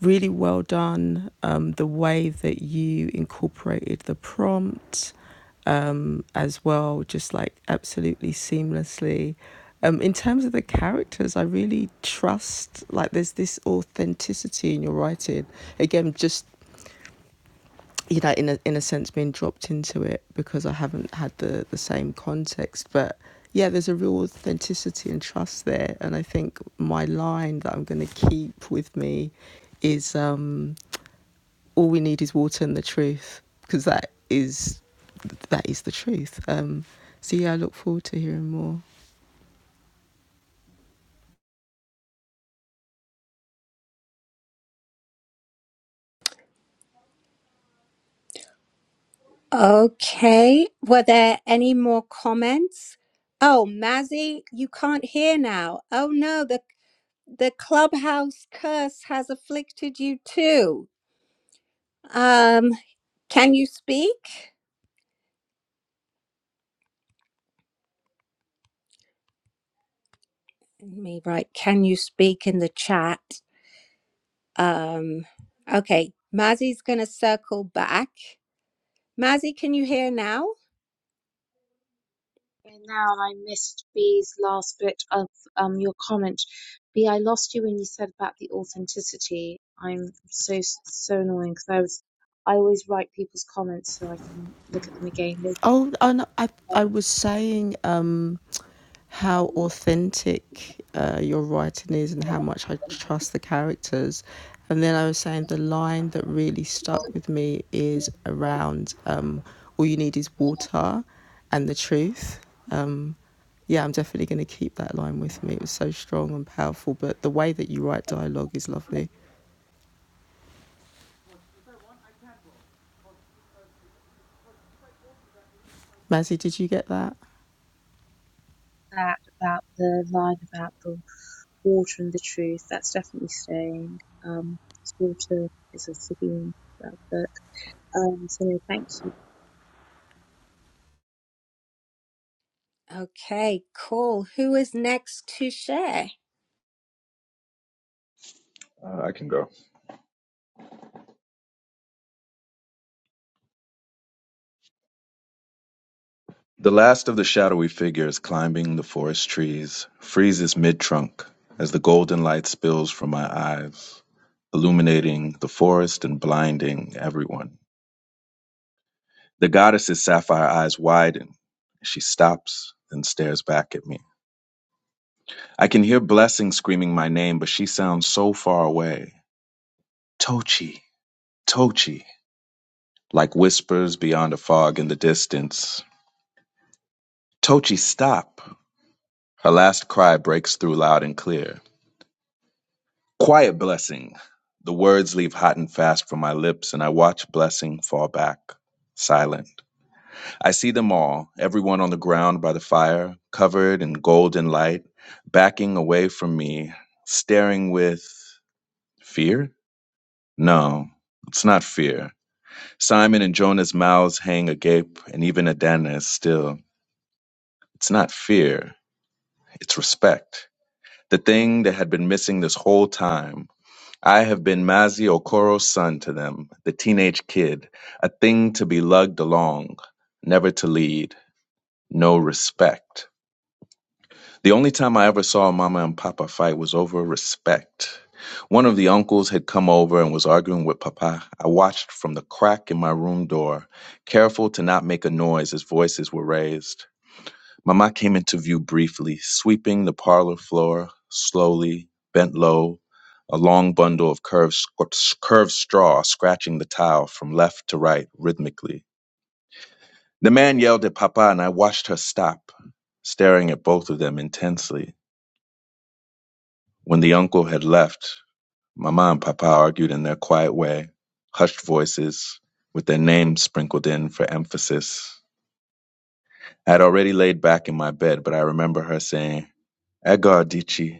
really well done. Um, the way that you incorporated the prompt, as well, just like absolutely seamlessly. Um, in terms of the characters, I really trust like there's this authenticity in your writing. Again, just you know, in a in a sense, being dropped into it because I haven't had the the same context, but yeah, there's a real authenticity and trust there. And I think my line that I'm going to keep with me is um, all we need is water and the truth because that is that is the truth. Um, so yeah, I look forward to hearing more.
Okay. Were there any more comments? Oh, Mazzy, you can't hear now. Oh no, the the clubhouse curse has afflicted you too. Um, can you speak? Let me write, can you speak in the chat? Um, okay, Mazzy's going to circle back. Mazzy, can you hear now?
And now I missed B's last bit of um, your comment. B, I lost you when you said about the authenticity. I'm so, so annoying because I was, I always write people's comments so I can look at them again later.
Oh, and I I was saying um, how authentic uh, your writing is and how much I trust the characters, and then I was saying the line that really stuck with me is around um, all you need is water, and the truth. Um, yeah, I'm definitely going to keep that line with me. It was so strong and powerful, but the way that you write dialogue is lovely. Mazzy, did you get that?
That about the line about the water and the truth, that's definitely staying. Um, 'cause water is a Sabine but Um, so thank you.
Okay, cool. Who is next to share?
Uh, I can go. The last of the shadowy figures climbing the forest trees freezes mid trunk as the golden light spills from my eyes, illuminating the forest and blinding everyone. The goddess's sapphire eyes widen. She stops and stares back at me. I can hear Blessing screaming my name, but she sounds so far away. Tochi, Tochi, like whispers beyond a fog in the distance. Tochi, stop. Her last cry breaks through loud and clear. Quiet blessing. The words leave hot and fast from my lips, and I watch blessing fall back, silent. I see them all, everyone on the ground by the fire, covered in golden light, backing away from me, staring with fear? No, it's not fear. Simon and Jonah's mouths hang agape, and even Adana is still. It's not fear, it's respect. The thing that had been missing this whole time, I have been Mazi Okoro's son to them, the teenage kid, a thing to be lugged along, never to lead, no respect. The only time I ever saw Mama and Papa fight was over respect. One of the uncles had come over and was arguing with Papa. I watched from the crack in my room door, careful to not make a noise as voices were raised. Mama came into view briefly, sweeping the parlor floor slowly, bent low, a long bundle of curved, sc- curved straw scratching the tile from left to right rhythmically. The man yelled at Papa, and I watched her stop, staring at both of them intensely. When the uncle had left, Mama and Papa argued in their quiet way, hushed voices, with their names sprinkled in for emphasis. I had already laid back in my bed, but I remember her saying, Agardice,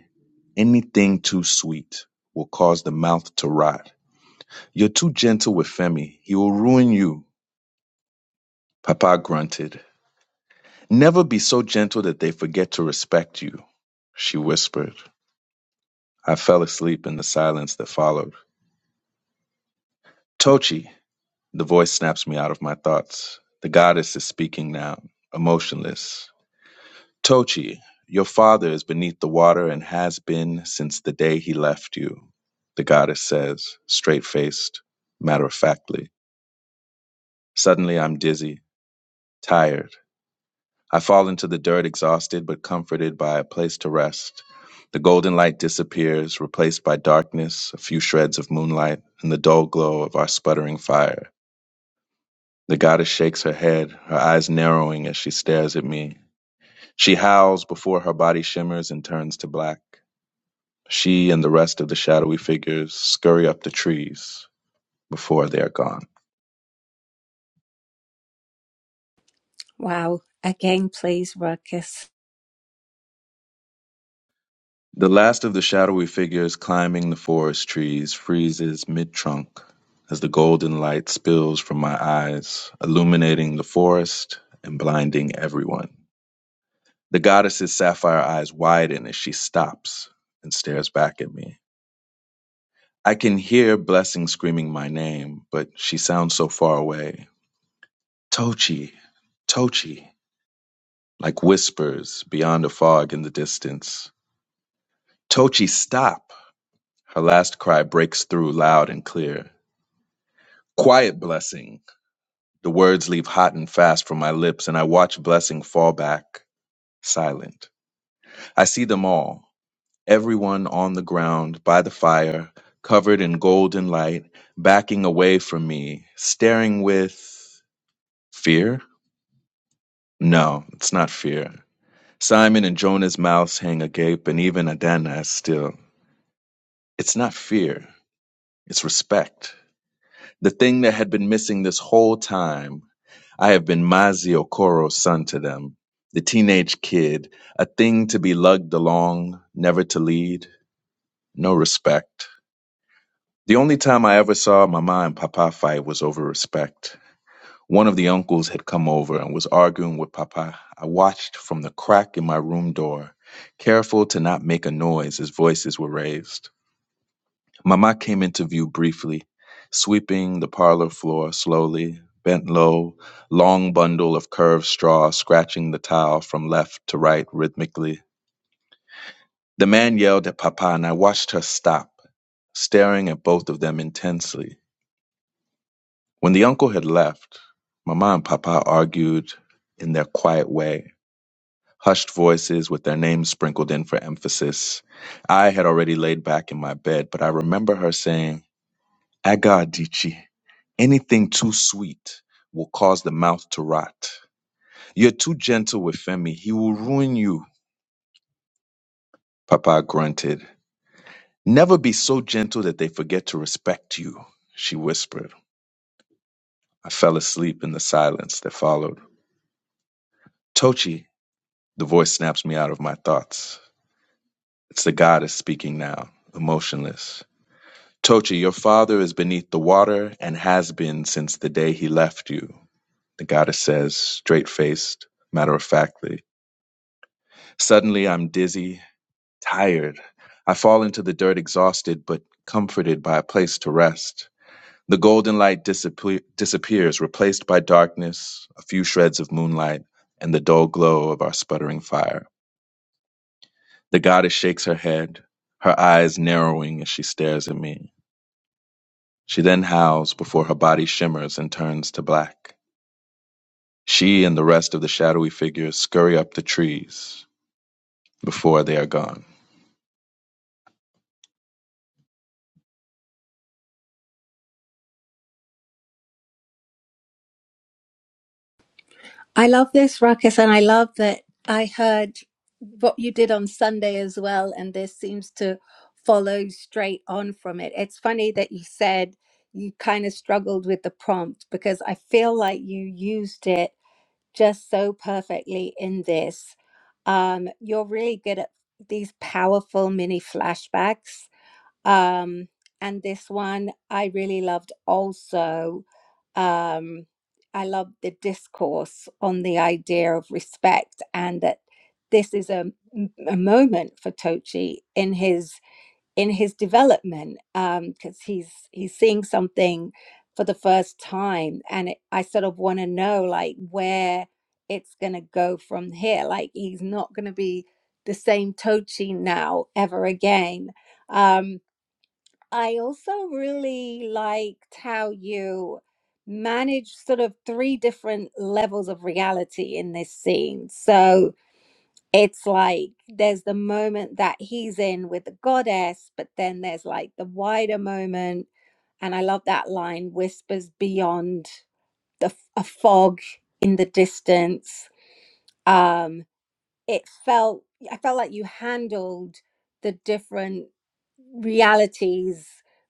anything too sweet will cause the mouth to rot. You're too gentle with Femi. He will ruin you. Papa grunted. Never be so gentle that they forget to respect you, she whispered. I fell asleep in the silence that followed. Tochi, the voice snaps me out of my thoughts. The goddess is speaking now, emotionless. Tochi, your father is beneath the water and has been since the day he left you, the goddess says, straight faced, matter of factly. Suddenly I'm dizzy, tired. I fall into the dirt, exhausted but comforted by a place to rest. The golden light disappears, replaced by darkness, a few shreds of moonlight, and the dull glow of our sputtering fire. The goddess shakes her head, her eyes narrowing as she stares at me. She howls before her body shimmers and turns to black. She and the rest of the shadowy figures scurry up the trees before they are gone.
Wow. Again, please, Ruckus.
The last of the shadowy figures climbing the forest trees freezes mid trunk as the golden light spills from my eyes, illuminating the forest and blinding everyone. The goddess's sapphire eyes widen as she stops and stares back at me. I can hear Blessing screaming my name, but she sounds so far away. Tochi, Tochi. like whispers beyond a fog in the distance. Tochi, stop! Her last cry breaks through loud and clear. Quiet, Blessing! The words leave hot and fast from my lips, and I watch Blessing fall back, silent. I see them all, everyone on the ground, by the fire, covered in golden light, backing away from me, staring with fear? No, it's not fear. Simon and Jonah's mouths hang agape, and even Adana is still. It's not fear, it's respect. The thing that had been missing this whole time, I have been Mazi Okoro's son to them, the teenage kid, a thing to be lugged along, never to lead, no respect. The only time I ever saw Mama and Papa fight was over respect. One of the uncles had come over and was arguing with Papa. I watched from the crack in my room door, careful to not make a noise as voices were raised. Mama came into view briefly, sweeping the parlor floor slowly, bent low, long bundle of curved straw scratching the tile from left to right rhythmically. The man yelled at Papa, and I watched her stop, staring at both of them intensely. When the uncle had left, Mama and Papa argued in their quiet way, hushed voices with their names sprinkled in for emphasis. I had already laid back in my bed, but I remember her saying, Agadichi, anything too sweet will cause the mouth to rot. You're too gentle with Femi. He will ruin you, Papa grunted. Never be so gentle that they forget to respect you, she whispered. I fell asleep in the silence that followed. Tochi, the voice snaps me out of my thoughts. It's the goddess speaking now, emotionless. Tochi, your father is beneath the water and has been since the day he left you, the goddess says, straight faced, matter of factly. Suddenly I'm dizzy, tired. I fall into the dirt exhausted, but comforted by a place to rest. The golden light disappear- disappears, replaced by darkness, a few shreds of moonlight, and the dull glow of our sputtering fire. The goddess shakes her head, her eyes narrowing as she stares at me. She then howls before her body shimmers and turns to black. She and the rest of the shadowy figures scurry up the trees before they are gone.
I love this, Ruckus, and I love that I heard what you did on Sunday as well, and this seems to follow straight on from it. It's funny that you said you kind of struggled with the prompt because I feel like you used it just so perfectly in this. Um, you're really good at these powerful mini flashbacks um, and this one I really loved also. Um, I loved the discourse on the idea of respect and that this is a a moment for Tochi in his in his development because he's he's seeing something for the first time and it, I sort of want to know like where it's going to go from here like he's not going to be the same Tochi now ever again Um, I also really liked how you manage sort of three different levels of reality in this scene. So it's like there's the moment that he's in with the goddess, but then there's like the wider moment. And I love that line whispers beyond the f- a fog in the distance. Um, it felt, I felt like you handled the different realities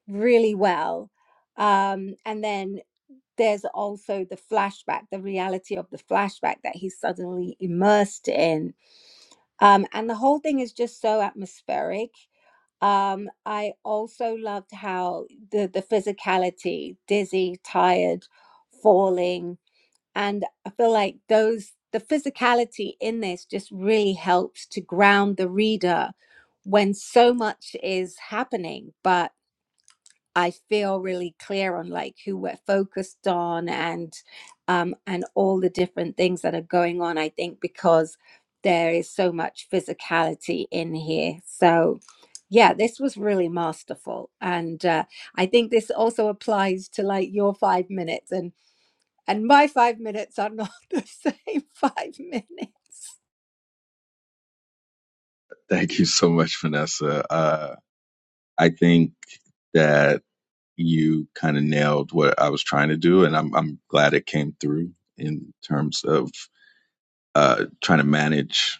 really well. Um, and then there's also the flashback, the reality of the flashback that he's suddenly immersed in. Um, and the whole thing is just so atmospheric. Um, I also loved how the, the physicality, dizzy, tired, falling. And I feel like those, the physicality in this just really helps to ground the reader when so much is happening. But I feel really clear on like who we're focused on and um, and all the different things that are going on. I think because there is so much physicality in here. So yeah, this was really masterful, and uh, I think this also applies to like your five minutes and and my five minutes are not (laughs) the same five minutes.
Thank you so much, Vanessa. Uh, I think that you kind of nailed what I was trying to do, and I'm I'm glad it came through in terms of uh, trying to manage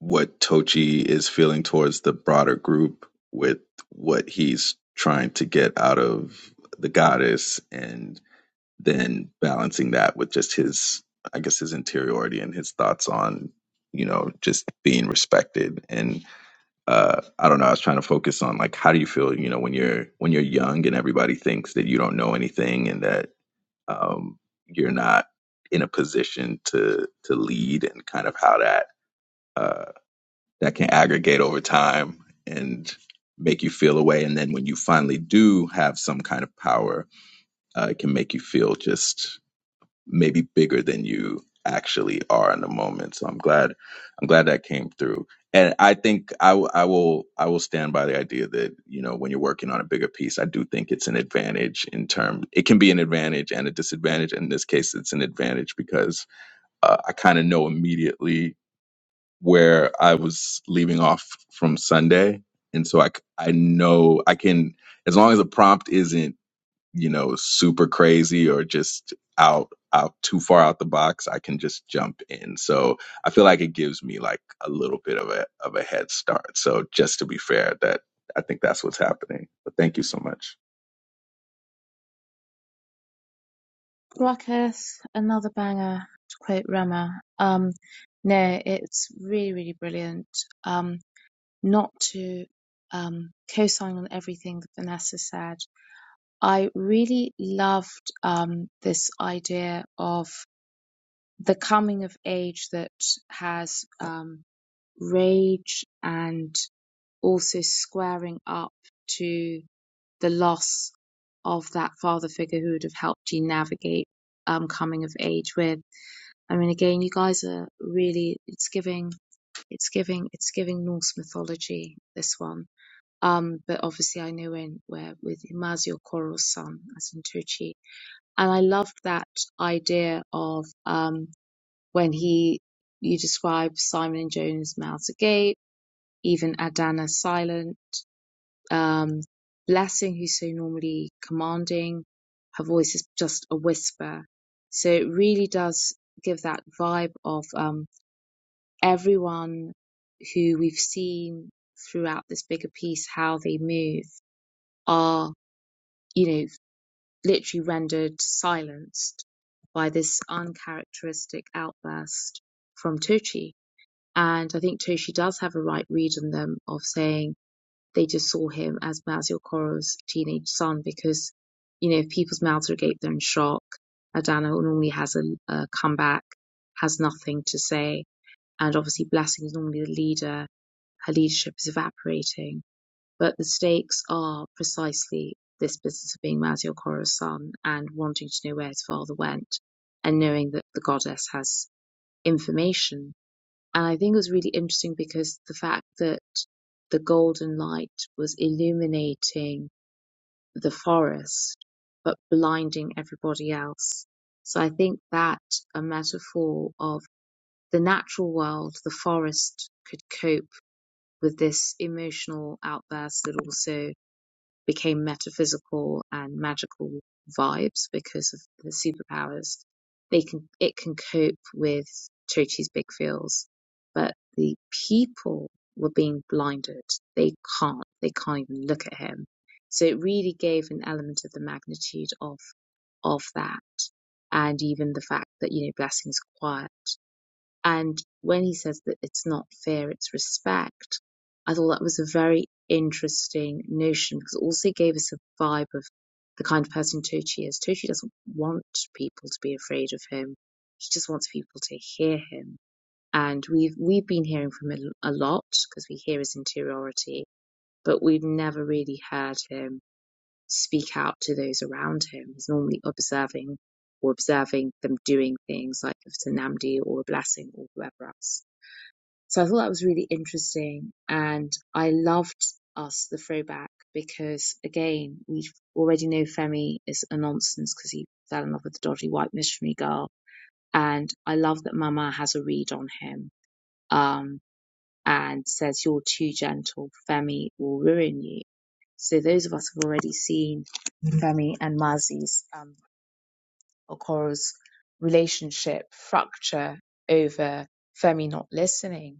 what Tochi is feeling towards the broader group with what he's trying to get out of the goddess, and then balancing that with just his i guess his interiority and his thoughts on you know just being respected and uh i don't know i was trying to focus on like how do you feel you know when you're when you're young and everybody thinks that you don't know anything and that um you're not in a position to to lead and kind of how that uh that can aggregate over time and make you feel a way. and then when you finally do have some kind of power uh, it can make you feel just maybe bigger than you actually are in the moment. So I'm glad, I'm glad that came through. And I think I, w- I will, I will stand by the idea that, you know, when you're working on a bigger piece, I do think it's an advantage in term, it can be an advantage and a disadvantage. In this case, it's an advantage because uh, I kind of know immediately where I was leaving off from Sunday. And so I, c- I know I can, as long as the prompt isn't you know super crazy or just out out too far out the box i can just jump in so i feel like it gives me like a little bit of a of a head start so just to be fair that i think that's what's happening but thank you so much
Ruckus, another banger to quote Rama. Um, no, it's really, really brilliant. Um, not to um, co-sign on everything that Vanessa said. I really loved um, this idea of the coming of age that has um, rage and also squaring up to the loss of that father figure who would have helped you navigate um, coming of age with. I mean, again, you guys are really, it's giving, it's giving, it's giving Norse mythology, this one. Um, but obviously I know in where with Imazio Koro's son as in Tucci. And I loved that idea of, um, when he, you describe Simon and Jones mouths agape, even Adana silent um, Blessing, who's so normally commanding, her voice is just a whisper. So it really does give that vibe of um, everyone who we've seen throughout this bigger piece, how they move are, you know, literally rendered silenced by this uncharacteristic outburst from Tochi. And I think Toshi does have a right read on them of saying, they just saw him as Mazio Coro's teenage son because, you know, if people's mouths are agape, they're in shock. Adana normally has a, a comeback, has nothing to say. And obviously, Blessing is normally the leader. Her leadership is evaporating. But the stakes are precisely this business of being Mazio Coro's son and wanting to know where his father went and knowing that the goddess has information and I think it was really interesting because the fact that the golden light was illuminating the forest, but blinding everybody else. So I think that a metaphor of the natural world, the forest could cope with this emotional outburst that also became metaphysical and magical vibes because of the superpowers. They can it can cope with Chochi's big feels, but the people were being blinded. They can't. They can't even look at him. So it really gave an element of the magnitude of of that, and even the fact that you know blessings quiet. And when he says that it's not fear, it's respect, I thought that was a very interesting notion because it also gave us a vibe of the kind of person Tochi is. Tochi doesn't want people to be afraid of him. He just wants people to hear him. And we've we've been hearing from him a lot because we hear his interiority, but we've never really heard him speak out to those around him. He's normally observing or observing them doing things like if it's a Namdi or a blessing or whoever else. So I thought that was really interesting. And I loved us, the throwback, because again, we already know Femi is a nonsense because he fell in love with the dodgy white missionary girl. And I love that Mama has a read on him um, and says, You're too gentle. Femi will ruin you. So those of us have already seen Femi and Mazi's um, Okoro's relationship fracture over Femi not listening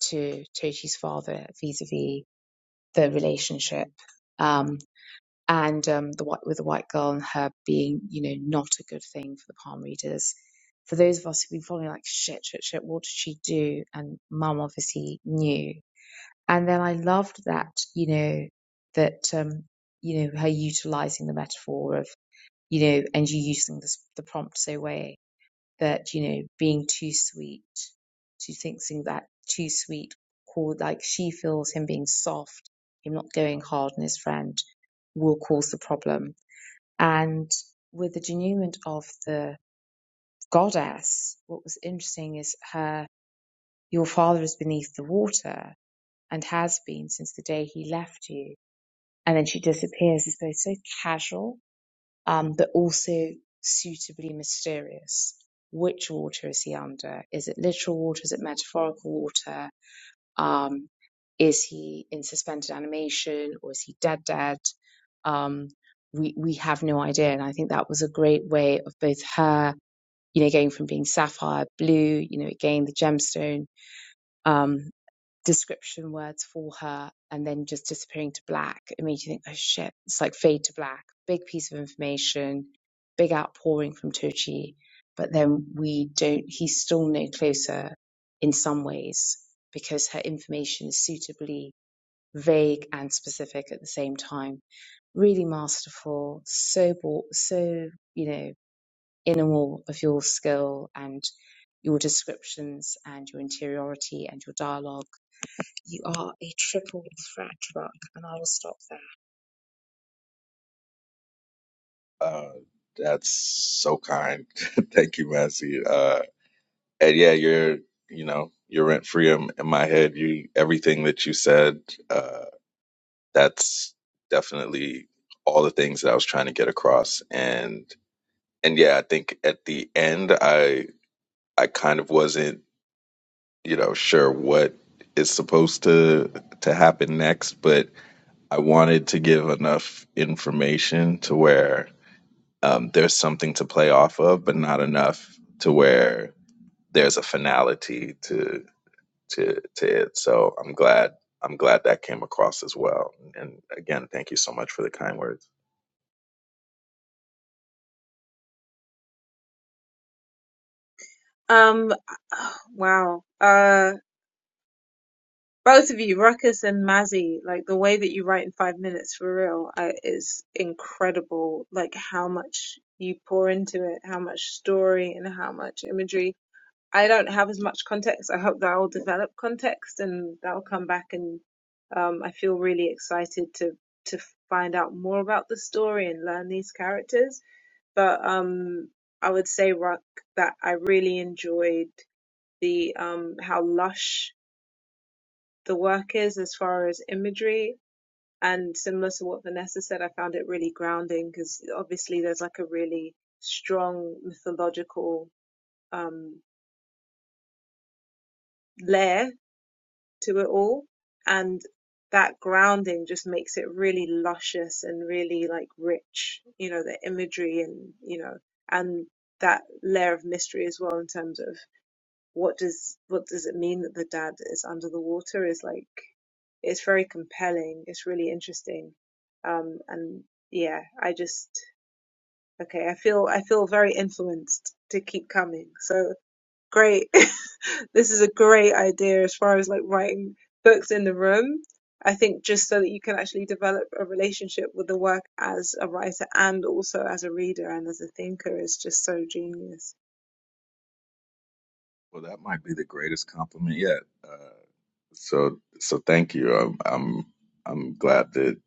to Tochi's father vis-a-vis the relationship um, and um, the white, with the white girl and her being, you know, not a good thing for the palm readers. For those of us who've been following, like, shit, shit, shit, what did she do? And mum obviously knew. And then I loved that, you know, that, um, you know, her utilizing the metaphor of, you know, and you using this, the prompt so way that you know being too sweet she thinks in that too sweet called like she feels him being soft him not going hard on his friend will cause the problem and with the denouement of the goddess what was interesting is her your father is beneath the water and has been since the day he left you and then she disappears It's both so casual um, but also suitably mysterious. Which water is he under? Is it literal water? Is it metaphorical water? Um, is he in suspended animation or is he dead dead? Um, we we have no idea, and I think that was a great way of both her, you know, going from being sapphire blue, you know, again the gemstone, um, description words for her and then just disappearing to black, it made you think, oh shit, it's like fade to black. Big piece of information, big outpouring from Tochi. But then we don't, he's still no closer in some ways because her information is suitably vague and specific at the same time. Really masterful, so, ball, so, you know, in awe of your skill and your descriptions and your interiority and your dialogue you are a triple threat, Rock, and I will stop there.
Uh, that's so kind. (laughs) Thank you, Massey. Uh, and yeah, you're, you know, you're rent free in, in my head. You, everything that you said, uh, that's definitely all the things that I was trying to get across. And and yeah, I think at the end, I I kind of wasn't, you know, sure what is supposed to to happen next, but I wanted to give enough information to where um, there's something to play off of, but not enough to where there's a finality to to to it. So I'm glad I'm glad that came across as well. And again, thank you so much for the kind words.
Um, (sighs) oh, wow. Uh, both of you, Ruckus and Mazzy, like the way that you write in five minutes for real uh, is incredible. Like how much you pour into it, how much story and how much imagery I don't have as much context. I hope that I'll develop context and that'll come back. And um, I feel really excited to to find out more about the story and learn these characters. But um, I would say Ruck that I really enjoyed the um, how lush the work is as far as imagery. And similar to what Vanessa said, I found it really grounding because obviously there's like a really strong mythological um, layer to it all. And that grounding just makes it really luscious and really like rich, you know, the imagery and, you know, and that layer of mystery as well in terms of what does what does it mean that the dad is under the water is like it's very compelling. It's really interesting. Um and yeah, I just okay, I feel I feel very influenced to keep coming. So great. (laughs) This is a great idea as far as like writing books in the room. I think just so that you can actually develop a relationship with the work as a writer and also as a reader and as a thinker is just so genius.
Well, that might be the greatest compliment yet. Uh, So so thank you. I'm I'm I'm glad that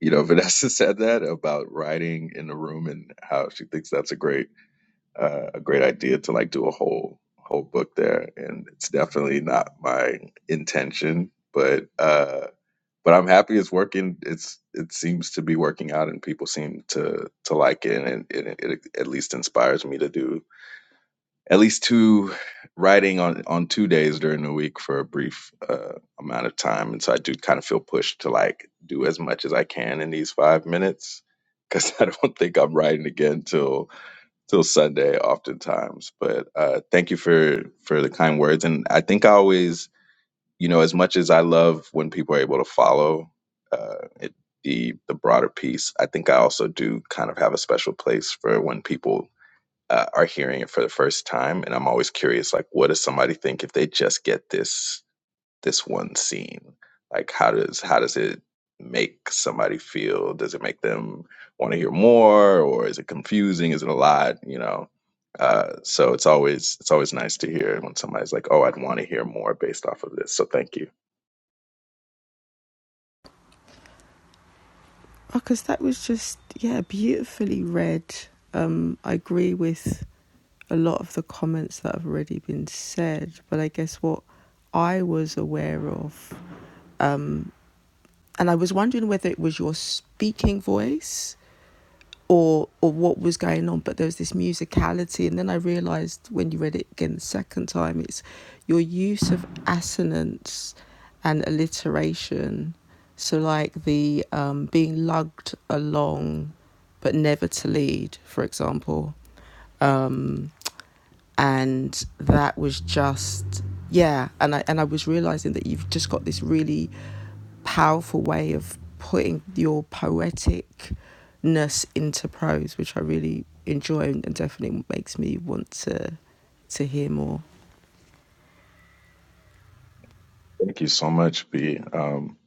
you know Vanessa (laughs) said that about writing in the room and how she thinks that's a great uh, a great idea to like do a whole whole book there. And it's definitely not my intention, but uh, but I'm happy it's working. It's it seems to be working out, and people seem to to like it, and it, it at least inspires me to do at least two writing on on two days during the week for a brief uh, amount of time and so i do kind of feel pushed to like do as much as i can in these five minutes because (laughs) i don't think i'm writing again till till sunday oftentimes but uh thank you for for the kind words and i think i always you know as much as i love when people are able to follow uh it the the broader piece i think i also do kind of have a special place for when people uh, are hearing it for the first time and i'm always curious like what does somebody think if they just get this this one scene like how does how does it make somebody feel does it make them want to hear more or is it confusing is it a lot you know uh, so it's always it's always nice to hear when somebody's like oh i'd want to hear more based off of this so thank you
Oh, because that was just yeah beautifully read. Um, I agree with a lot of the comments that have already been said, but I guess what I was aware of, and I was wondering whether it was your speaking voice or or what was going on but there was this musicality and then i realized when you read it again the second time it's your use of assonance and alliteration so like the um, being lugged along but never to lead for example um, and that was just yeah and i and i was realizing that you've just got this really powerful way of putting your poeticness into prose, which I really enjoy and definitely makes me want to to hear more.
thank you so much b um,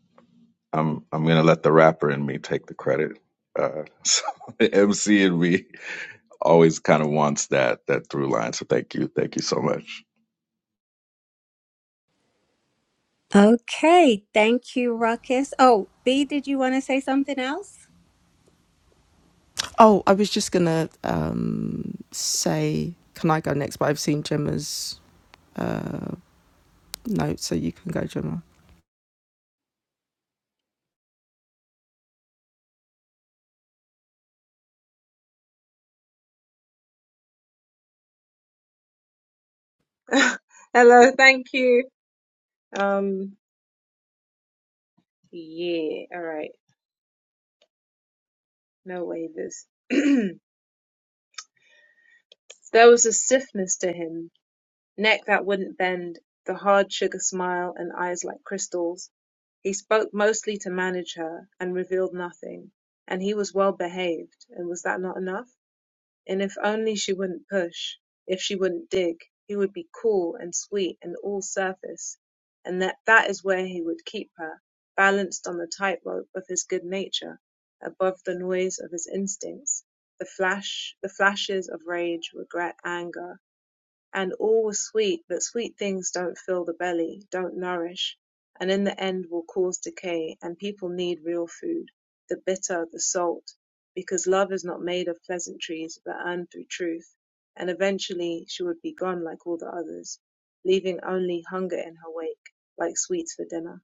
i'm i'm gonna let the rapper in me take the credit uh, (laughs) so, mc and me always kind of wants that that through line. So thank you, thank you so much.
Okay, thank you, Ruckus. Oh, B, did you want to say something else?
Oh, I was just gonna um, say, can I go next? But I've seen Gemma's uh, note, so you can go, Gemma.
(laughs) Hello, thank you. Um, yeah, all right, no waivers. (clears throat) there was a stiffness to him Neck that wouldn't bend, the hard sugar smile and eyes like crystals. He spoke mostly to manage her, and revealed nothing, and he was well behaved, and was that not enough? And if only she wouldn't push, if she wouldn't dig, he would be cool and sweet and all surface, and that that is where he would keep her, balanced on the tightrope of his good nature, above the noise of his instincts, the flash, the flashes of rage, regret, anger. And all was sweet, but sweet things don't fill the belly, don't nourish, and in the end will cause decay, and people need real food, the bitter, the salt, because love is not made of pleasantries, but earned through truth, and eventually she would be gone like all the others, leaving only hunger in her wake, like sweets for dinner.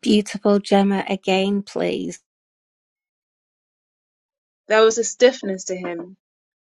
Beautiful Gemma again, please.
There was a stiffness to him.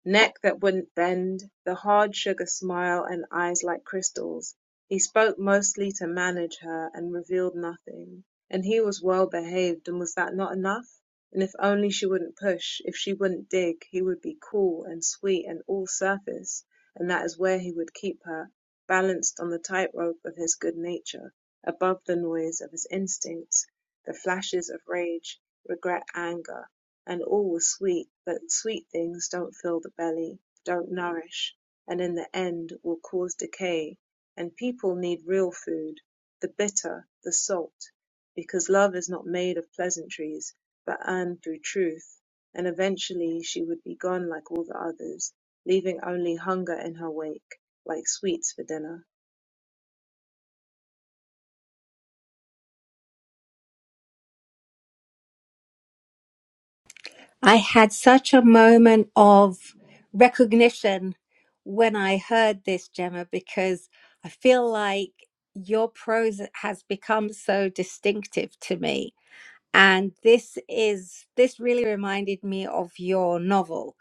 Neck that wouldn't bend, the hard sugar smile and eyes like crystals. He spoke mostly to manage her and revealed nothing. And he was well behaved and was that not enough? And if only she wouldn't push, if she wouldn't dig, he would be cool and sweet and all surface, and that is where he would keep her, balanced on the tightrope of his good nature, above the noise of his instincts, the flashes of rage, regret, anger and all was sweet, but sweet things don't fill the belly, don't nourish, and in the end will cause decay, and people need real food, the bitter, the salt, because love is not made of pleasantries, but earned through truth, and eventually she would be gone like all the others, leaving only hunger in her wake, like sweets for dinner.
I had such a moment of recognition when I heard this, Gemma, because I feel like your prose has become so distinctive to me. And this is this really reminded me of your novel,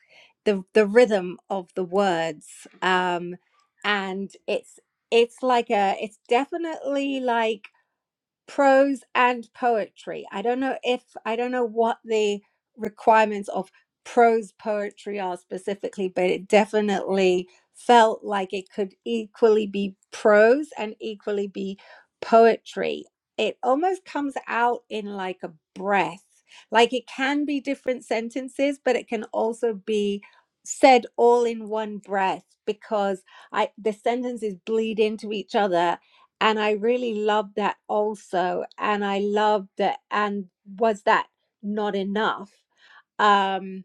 the the rhythm of the words, um, and it's it's like a it's definitely like prose and poetry. I don't know if I don't know what the requirements of prose poetry are specifically, but it definitely felt like it could equally be prose and equally be poetry. It almost comes out in like a breath. Like it can be different sentences, but it can also be said all in one breath because I the sentences bleed into each other and I really loved that also. And I loved that. And was that not enough? Um,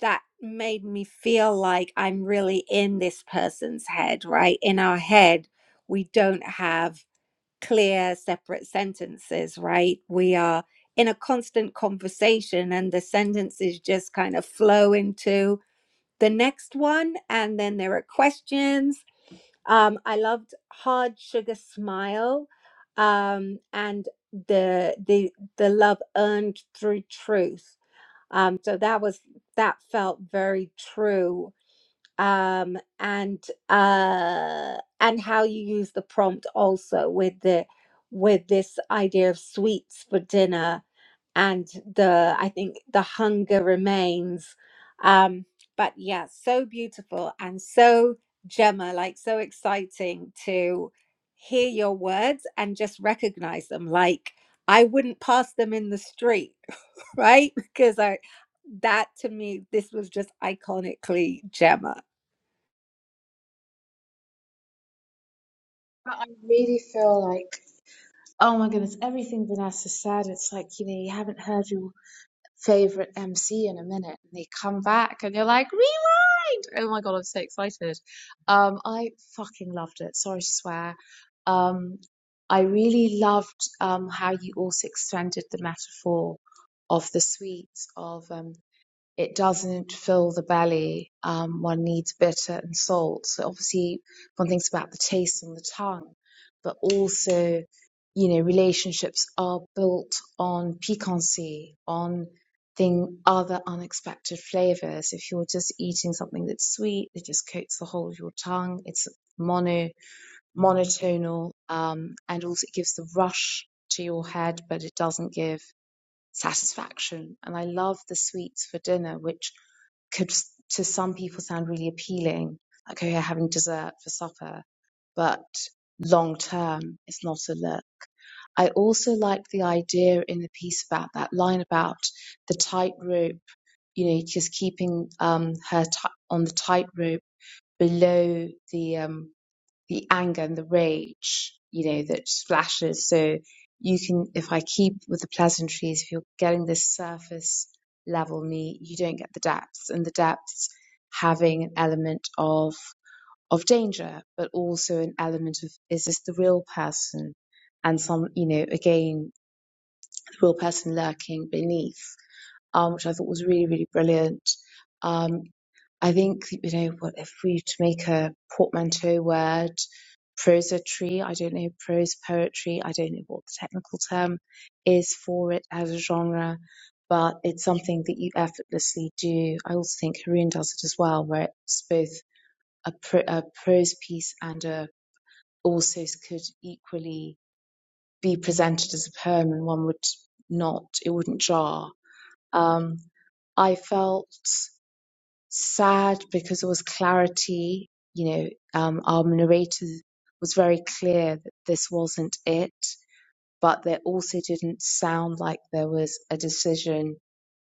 that made me feel like I'm really in this person's head, right? In our head, we don't have clear, separate sentences, right? We are in a constant conversation, and the sentences just kind of flow into the next one. And then there are questions um, I loved Hard Sugar Smile um, and the the the love earned through truth. Um, so that was that felt very true. Um, and uh, and how you use the prompt also with the with this idea of sweets for dinner and the I think the hunger remains. Um, but yeah, so beautiful and so Gemma, like so exciting to hear your words and just recognize them. Like I wouldn't pass them in the street, (laughs) right? Because I that to me, this was just iconically Gemma.
But I really feel like, oh my goodness, everything Vanessa said, it's like, you know, you haven't heard your favorite MC in a minute, and they come back and you're like, rewind! Oh my God, I'm so excited. Um, I fucking loved it. Sorry to swear. Um, I really loved um, how you also extended the metaphor of the sweets of um, it doesn't fill the belly. Um, one needs bitter and salt. So obviously, one thinks about the taste and the tongue, but also, you know, relationships are built on piquancy, on thing other unexpected flavors. If you're just eating something that's sweet, it just coats the whole of your tongue. It's mono monotonal, um, and also it gives the rush to your head, but it doesn't give satisfaction. And I love the sweets for dinner, which could to some people sound really appealing, like, oh yeah, having dessert for supper, but long term, it's not a look. I also like the idea in the piece about that line about the tightrope, you know, just keeping um, her ti on the tightrope below the um, the anger and the rage, you know, that splashes. So you can, if I keep with the pleasantries, if you're getting this surface level me, you don't get the depths, and the depths having an element of of danger, but also an element of is this the real person, and some, you know, again, the real person lurking beneath um, which I thought was really, really brilliant. Um, I think, you know, what if we were to make a portmanteau word, prosatry, I don't know, prose poetry, I don't know what the technical term is for it as a genre, but it's something that you effortlessly do. I also think Haroon does it as well, where it's both a, pro- a prose piece and a also could equally be presented as a poem and one would not, it wouldn't jar um, I felt sad because there was clarity. You know, um, our narrator was very clear that this wasn't it, but there also didn't sound like there was a decision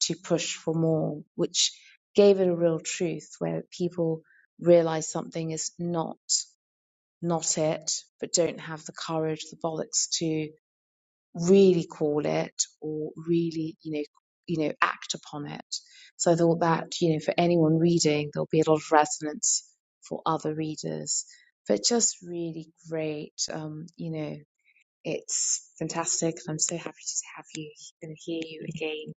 to push for more, which gave it a real truth where people realize something is not not it, but don't have the courage, the bollocks to really call it or really, you know, you know, act upon it. So I thought that, you know, for anyone reading, there'll be a lot of resonance for other readers. But just really great. Um, you know, it's fantastic and I'm so happy to have you and hear you again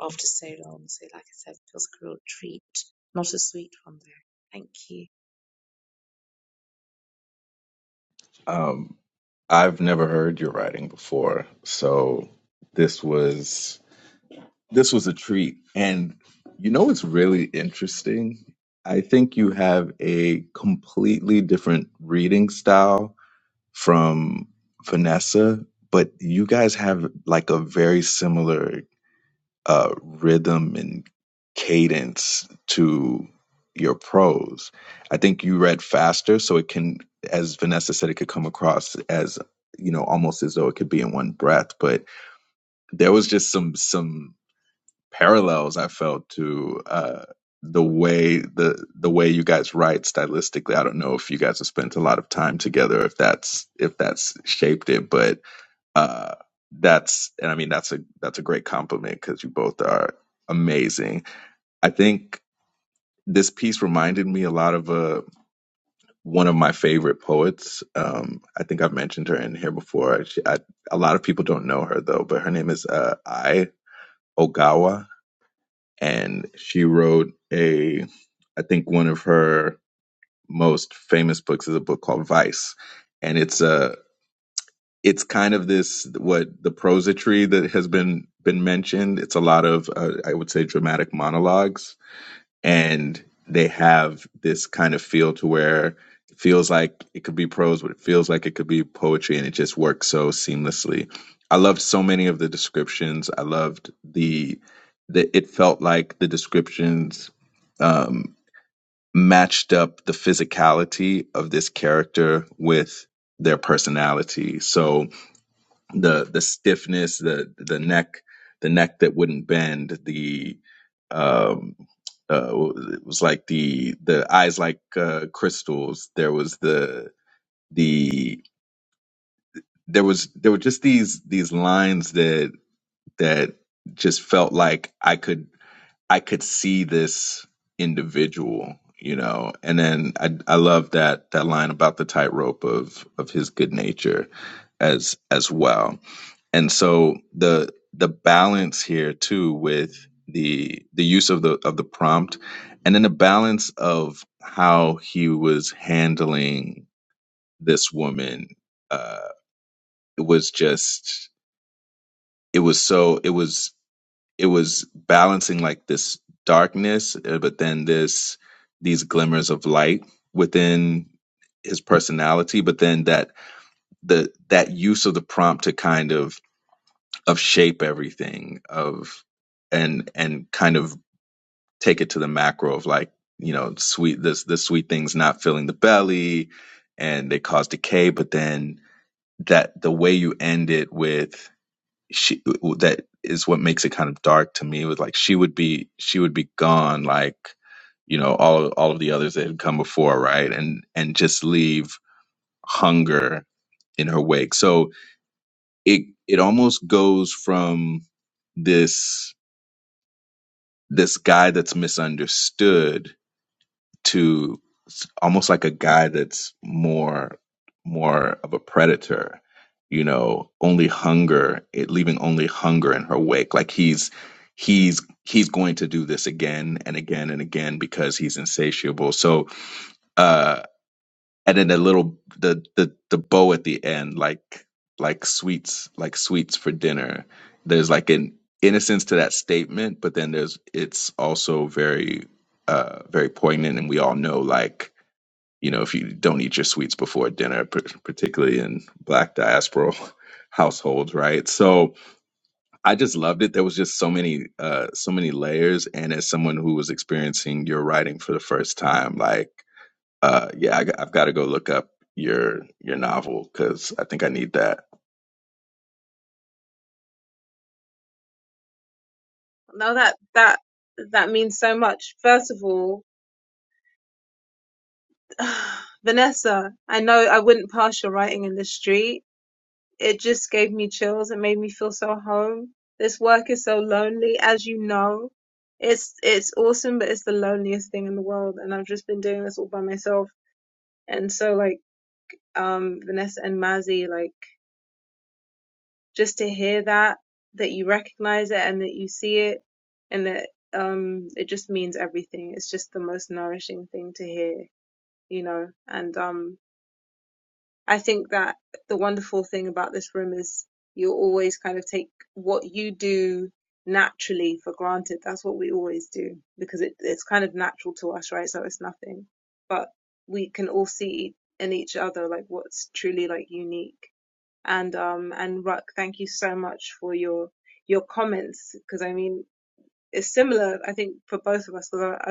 after so long. So like I said, it feels like a real treat. Not a sweet one though. Thank you.
Um, I've never heard your writing before, so this was this was a treat. And you know what's really interesting? I think you have a completely different reading style from Vanessa, but you guys have like a very similar uh, rhythm and cadence to your prose. I think you read faster, so it can, as Vanessa said, it could come across as you know almost as though it could be in one breath. But there was just some some parallels I felt to uh, the way the the way you guys write stylistically. I don't know if you guys have spent a lot of time together, if that's if that's shaped it, but uh, that's and I mean that's a that's a great compliment because you both are amazing. I think this piece reminded me a lot of uh, one of my favorite poets. Um, I think I've mentioned her in here before. She, I, a lot of people don't know her though, but her name is uh, Ai Ogawa, and she wrote a I think one of her most famous books is a book called Vice, and it's a it's kind of this what the prosody that has been been mentioned it's a lot of uh, i would say dramatic monologues and they have this kind of feel to where it feels like it could be prose but it feels like it could be poetry and it just works so seamlessly i loved so many of the descriptions i loved the the it felt like the descriptions um matched up the physicality of this character with their personality so the the stiffness, the the neck, the neck that wouldn't bend, the um uh it was like the the eyes like uh crystals. There was the the there was there were just these these lines that that just felt like I could I could see this individual, you know. And then I I love that that line about the tightrope of of his good nature as as well and so the the balance here too with the the use of the of the prompt and then the balance of how he was handling this woman uh it was just it was so it was it was balancing like this darkness uh, but then this these glimmers of light within his personality but then that the that use of the prompt to kind of of shape everything of and and kind of take it to the macro of like you know sweet this the sweet things not filling the belly and they cause decay but then that the way you end it with she that is what makes it kind of dark to me with like she would be she would be gone like you know all all of the others that had come before right and and just leave hunger in her wake so it it almost goes from this this guy that's misunderstood to almost like a guy that's more more of a predator you know only hunger it leaving only hunger in her wake like he's he's he's going to do this again and again and again because he's insatiable so uh and then the little the the the bow at the end like like sweets like sweets for dinner there's like an innocence to that statement but then there's it's also very uh very poignant and we all know like you know if you don't eat your sweets before dinner par- particularly in black diaspora (laughs) households right so i just loved it there was just so many uh so many layers and as someone who was experiencing your writing for the first time like uh, yeah, I, have got to go look up your your novel because I think I need that.
Now that that that means so much. First of all, (sighs) Vanessa, I know I wouldn't pass your writing in the street it just gave me chills. It made me feel so home. This work is so lonely, as you know. It's it's awesome, but it's the loneliest thing in the world. And I've just been doing this all by myself. And so like um Vanessa and Mazzy, like just to hear that, that you recognize it and that you see it and that um it just means everything. It's just the most nourishing thing to hear, you know. And um I think that the wonderful thing about this room is you always kind of take what you do naturally for granted. That's what we always do because it, it's kind of natural to us, right? So it's nothing. But we can all see in each other like what's truly like unique. And um and Ruck, thank you so much for your your comments because I mean it's similar I think for both of us because I,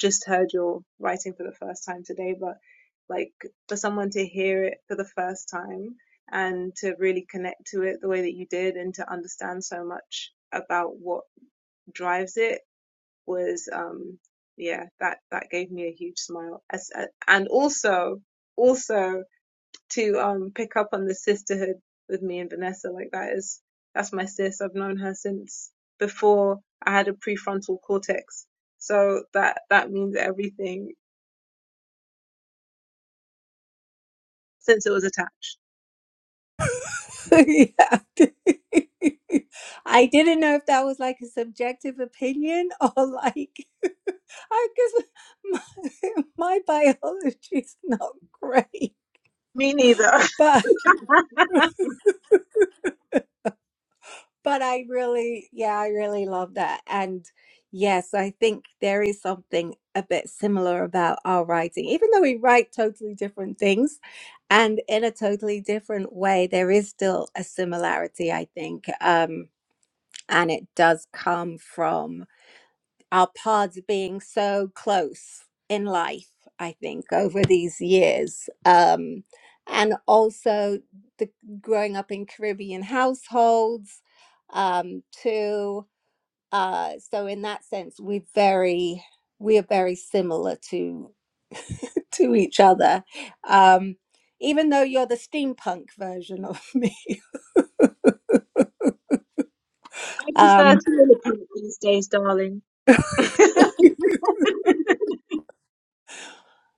just heard your writing for the first time today, but like for someone to hear it for the first time and to really connect to it the way that you did and to understand so much about what drives it was um yeah that that gave me a huge smile as uh, and also also to um pick up on the sisterhood with me and Vanessa. Like that is that's my sis. I've known her since before I had a prefrontal cortex. So that that means everything since it was attached.
(laughs) yeah. (laughs) I didn't know if that was like a subjective opinion or like (laughs) I because my, (laughs) my biology is not great.
Me neither. (laughs) I
But but I really yeah, I really love that. And yes, I think there is something a bit similar about our writing. Even though we write totally different things and in a totally different way, there is still a similarity, I think. Um and it does come from our paths being so close in life, I think, over these years. Um, and also the growing up in Caribbean households, um, too. Uh, so in that sense, we very we are very similar to (laughs) to each other. Um, even though you're the steampunk version of me. (laughs)
prefer
Um,
smaller pump these days, darling. (laughs) I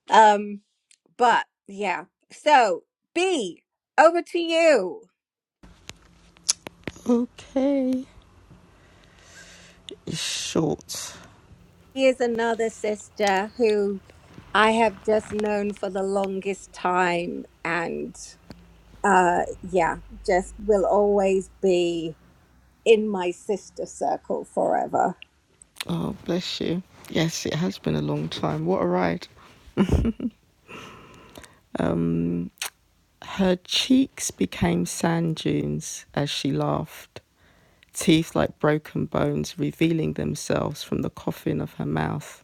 um, but yeah. So B, over to you.
Okay. It's short.
Here's another sister who I have just known for the longest time. And uh, yeah, just will always be in my sister circle forever.
Oh, bless you. Yes, it has been a long time. What a ride. Um, her cheeks became sand dunes as she laughed. teeth like broken bones revealing themselves from the coffin of her mouth.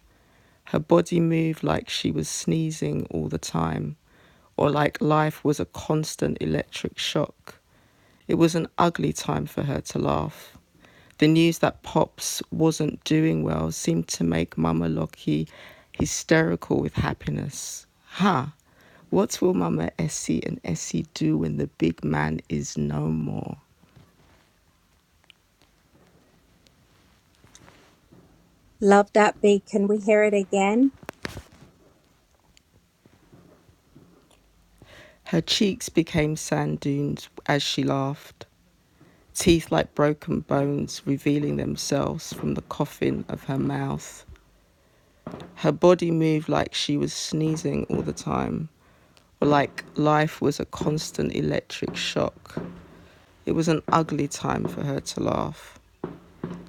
Her body moved like she was sneezing all the time, or like life was a constant electric shock. It was an ugly time for her to laugh. The news that Pops wasn't doing well seemed to make Mama Lockie hysterical with happiness. Ha! Huh, What will Mama Essie and Essie do when the big man is no more?
Love that beat. Can we hear it again?
Her cheeks became sand dunes as she laughed, teeth like broken bones revealing themselves from the coffin of her mouth. Her body moved like she was sneezing all the time, or like life was a constant electric shock. It was an ugly time for her to laugh.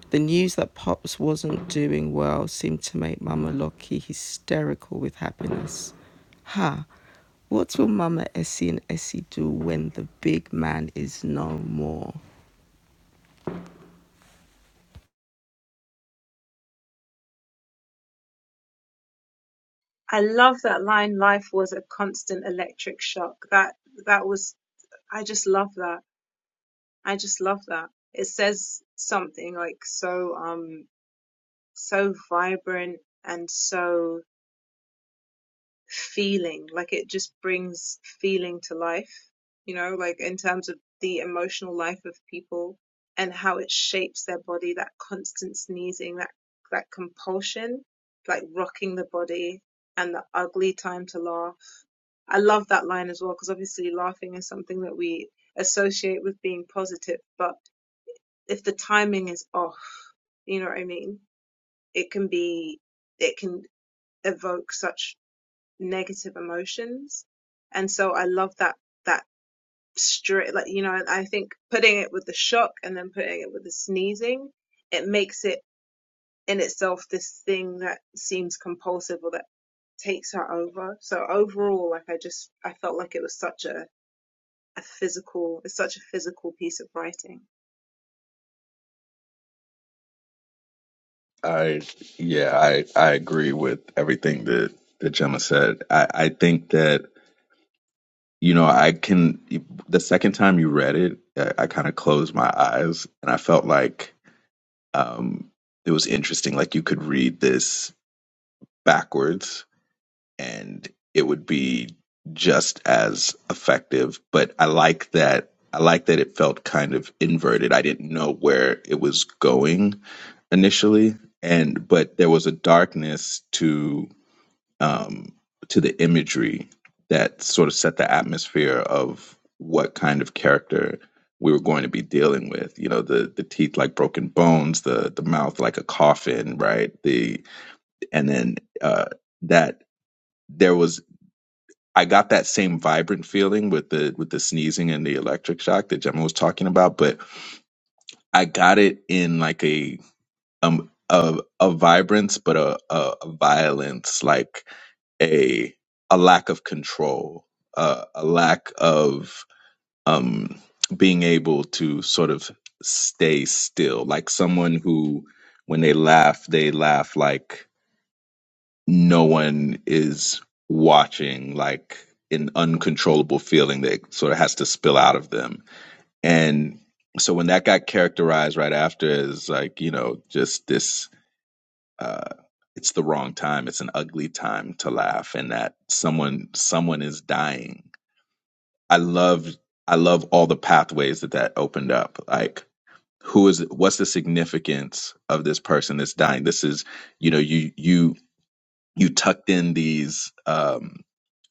The news that Pops wasn't doing well seemed to make Mama Lockie hysterical with happiness. Ha! What will Mama Essie and Essie do when the big man is no more?
love that line. Life was a constant electric shock. That that was. I just love that. I just love that. It says something like so. Um, so vibrant and so feeling. Like it just brings feeling to life, you know, like in terms of the emotional life of people and how it shapes their body, that constant sneezing, that that compulsion, like rocking the body and the ugly time to laugh. I love that line as well because obviously laughing is something that we associate with being positive, but if the timing is off, you know what I mean? It can be it can evoke such negative emotions. And so I love that that straight like you know, I I think putting it with the shock and then putting it with the sneezing, it makes it in itself this thing that seems compulsive or that takes her over. So overall, like I just I felt like it was such a, a physical it's such a physical piece of writing.
I yeah, I I agree with everything that that Gemma said. I I think that you know I can the second time you read it, I, I kind of closed my eyes and I felt like um it was interesting. Like you could read this backwards and it would be just as effective. But I like that. I like that it felt kind of inverted. I didn't know where it was going initially, and but there was a darkness to um, to the imagery that sort of set the atmosphere of what kind of character we were going to be dealing with. You know, the the teeth like broken bones, the the mouth like a coffin, right? The and then uh, that there was. I got that same vibrant feeling with the with the sneezing and the electric shock that Gemma was talking about, but I got it in like a um a a vibrance, but a a, a violence, like a a lack of control, uh, a lack of um being able to sort of stay still, like someone who when they laugh, they laugh like no one is watching like an uncontrollable feeling that sort of has to spill out of them and so when that got characterized right after as like you know just this uh it's the wrong time it's an ugly time to laugh and that someone someone is dying i love i love all the pathways that that opened up like who is what's the significance of this person that's dying this is you know you you you tucked in these um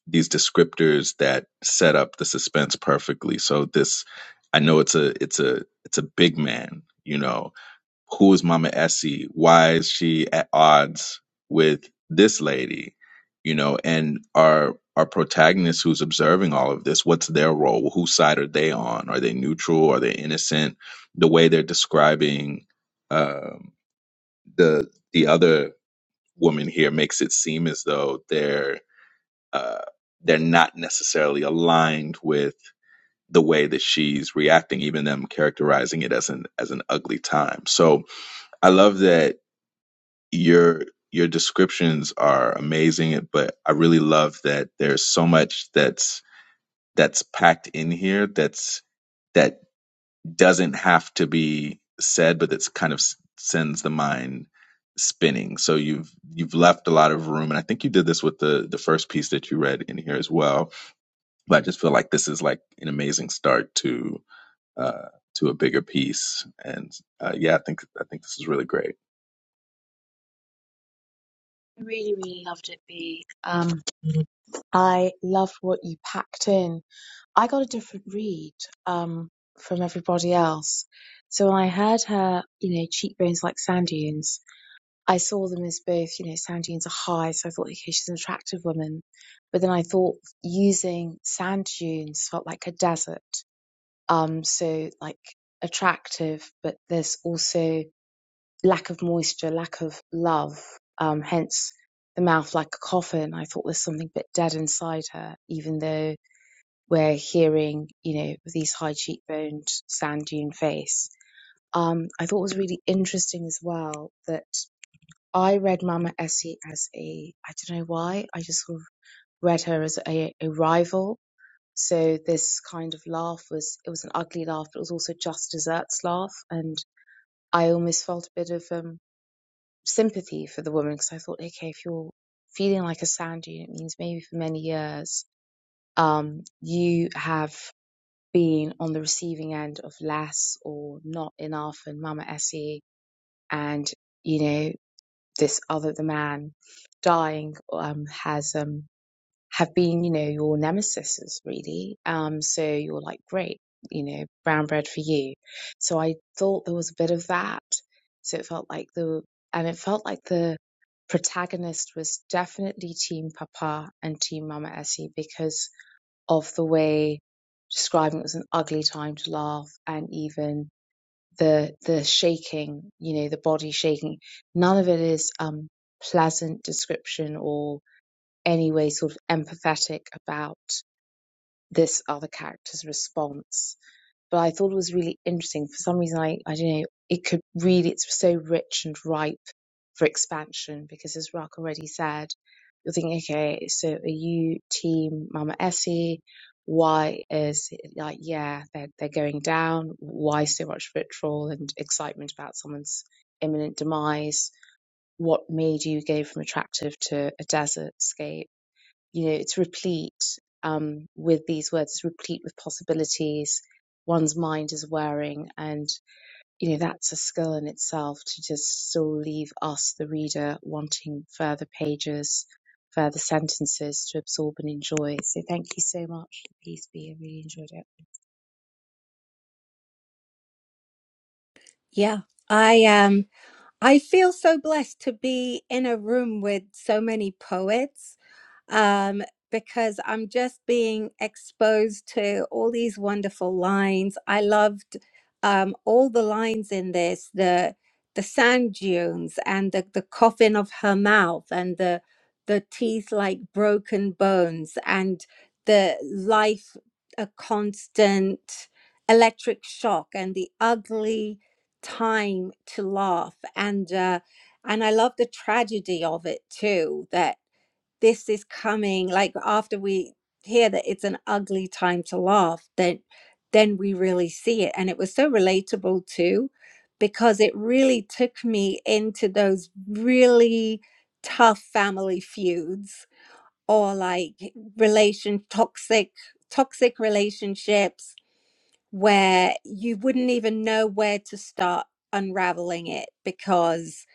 these descriptors that set up the suspense perfectly. So this, I know it's a it's a it's a big man. You know, who is Mama Essie? Why is she at odds with this lady? You know, and our our protagonist who's observing all of this, what's their role? Whose side are they on? Are they neutral? Are they innocent? The way they're describing um, the the other woman here makes it seem as though they're uh, they're not necessarily aligned with the way that she's reacting, even them characterizing it as an as an ugly time. So I love that your your descriptions are amazing, but I really love that there's so much that's that's packed in here that's that doesn't have to be said, but that's kind of s- sends the mind spinning. So you've you've left a lot of room, and I think you did this with the the first piece that you read in here as well but I just feel like this is like an amazing start to uh, to a bigger piece. And uh, yeah, I think I think this is really great.
I Really, really loved it, Bea. Um, I loved what you packed in I got a different read um, from everybody else. So when I heard her, you know, cheekbones like sand dunes, I saw them as both, you know, sand dunes are high. So I thought, okay, she's an attractive woman. But then I thought using sand dunes felt like a desert. Um, so like attractive, but there's also lack of moisture, lack of love. Um, hence the mouth like a coffin. I thought there's something a bit dead inside her, even though we're hearing, you know, these high cheekboned sand dune face. Um, I thought was really interesting as well that I read Mama Essie as a, I don't know why, I just sort of read her as a, a rival. So this kind of laugh was, it was an ugly laugh, but it was also just desserts laugh. And I almost felt a bit of um, sympathy for the woman because I thought, okay, if you're feeling like a sand dune, it means maybe for many years um, you have being on the receiving end of less or not enough and mama essie and you know this other the man dying um has um have been you know your nemesis really um so you're like great you know brown bread for you so i thought there was a bit of that so it felt like the and it felt like the protagonist was definitely team papa and team mama essie because of the way describing it was an ugly time to laugh and even the the shaking you know the body shaking none of it is um pleasant description or any way sort of empathetic about this other character's response but I thought it was really interesting. For some reason, I, I don't know, it could really, it's so rich and ripe for expansion because as Rock already said, you're thinking, okay, so are you team Mama Essie? Why is it like, yeah, they're, they're going down. Why so much vitriol and excitement about someone's imminent demise? What made you go from attractive to a desert scape? you know it's replete um, with these words it's replete with possibilities one's mind is wearing and you know that's a skill in itself to just still leave us the reader wanting further pages further sentences to absorb and enjoy so thank you so much for the piece b i really enjoyed it
Yeah. I um. I feel so blessed to be in a room with so many poets um, because I'm just being exposed to all these wonderful lines. I loved um, all the lines in this the the sand dunes and the, the coffin of her mouth and the the teeth like broken bones and the life a constant electric shock and the ugly time to laugh and uh and i love the tragedy of it too that this is coming like after we hear that it's an ugly time to laugh then then we really see it and it was so relatable too because it really took me into those really tough family feuds or like relation toxic toxic relationships where you wouldn't even know where to start unraveling it because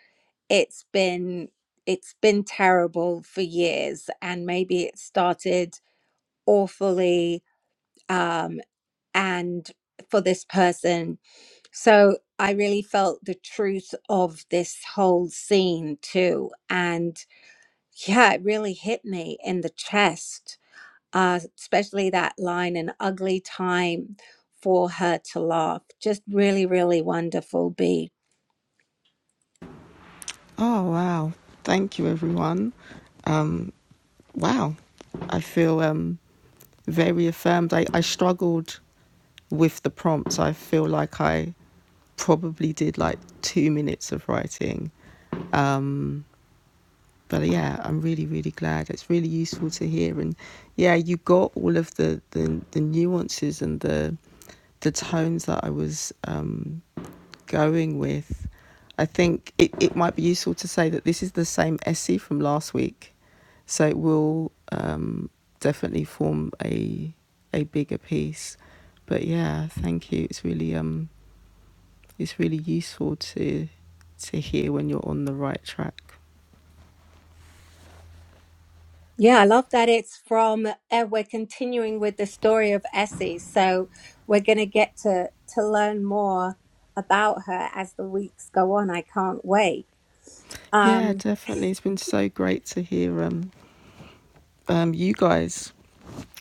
it's been it's been terrible for years and maybe it started awfully um and for this person so i really felt the truth of this whole scene too and yeah it really hit me in the chest uh, especially that line, an ugly time for her to laugh. Just really, really wonderful, B.
Oh wow! Thank you, everyone. Um, wow, I feel um very affirmed. I, I struggled with the prompts. I feel like I probably did like two minutes of writing but yeah, I'm really, really glad. It's really useful to hear, and yeah, you got all of the the, the nuances and the the tones that I was um, going with. I think it, it might be useful to say that this is the same essay from last week, so it will um, definitely form a a bigger piece. But yeah, thank you. It's really um it's really useful to to hear when you're on the right track.
Yeah, I love that it's from, uh, we're continuing with the story of Essie. So we're going to get to to learn more about her as the weeks go on. I can't wait.
Yeah,
Um,
definitely. It's been so great to hear um, um, you guys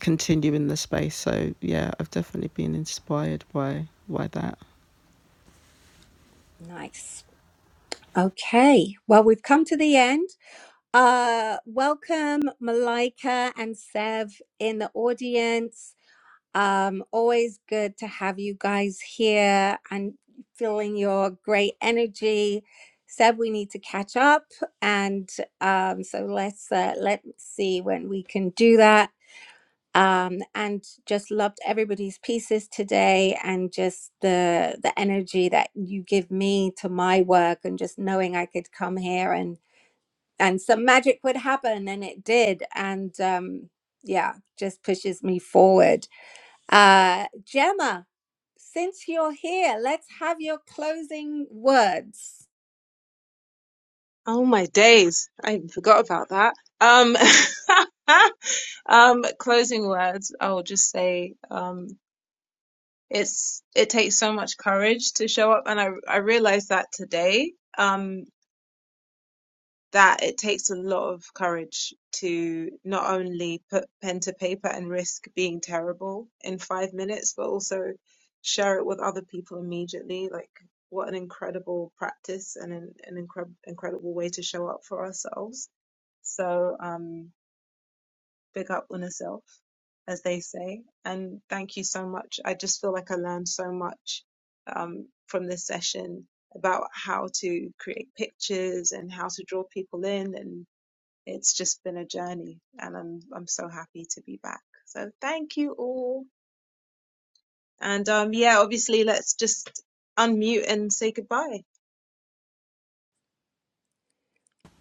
continue in the space. So yeah, I've definitely been inspired by by that.
nice. Okay, well, we've come to the end. Uh, welcome, Malika and Sev in the audience. Um, always good to have you guys here and feeling your great energy. Seb, we need to catch up, and um, so let's uh, let's see when we can do that um, and just loved everybody's pieces today and just the the energy that you give me to my work and just knowing I could come here and and some magic would happen and it did and um, yeah just pushes me forward uh, Gemma since you're here let's have your closing words
Oh my days. I even forgot about that. Um, (laughs) um, closing words, I will just say, um it's it takes so much courage to show up and i i realized that today um that it takes a lot of courage to not only put pen to paper and risk being terrible in 5 minutes but also share it with other people immediately like what an incredible practice and an, an incre- incredible way to show up for ourselves so um big up on herself, as they say. And thank you so much. I just feel like I learned so much um, from this session about how to create pictures and how to draw people in. And it's just been a journey. And I'm, I'm so happy to be back. So thank you all. And um, yeah, obviously, let's just unmute and say goodbye.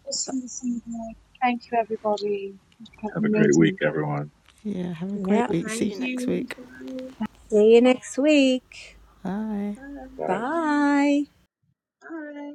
Awesome this evening. Thank you, everybody. Hope you Have
Have
an
a great
amazing
week, everyone.
Yeah, have a great
yeah
week. See
Thank
you next
you.
week.
Bye.
see you next week
Bye.
Bye.
Bye.
bye
Bye.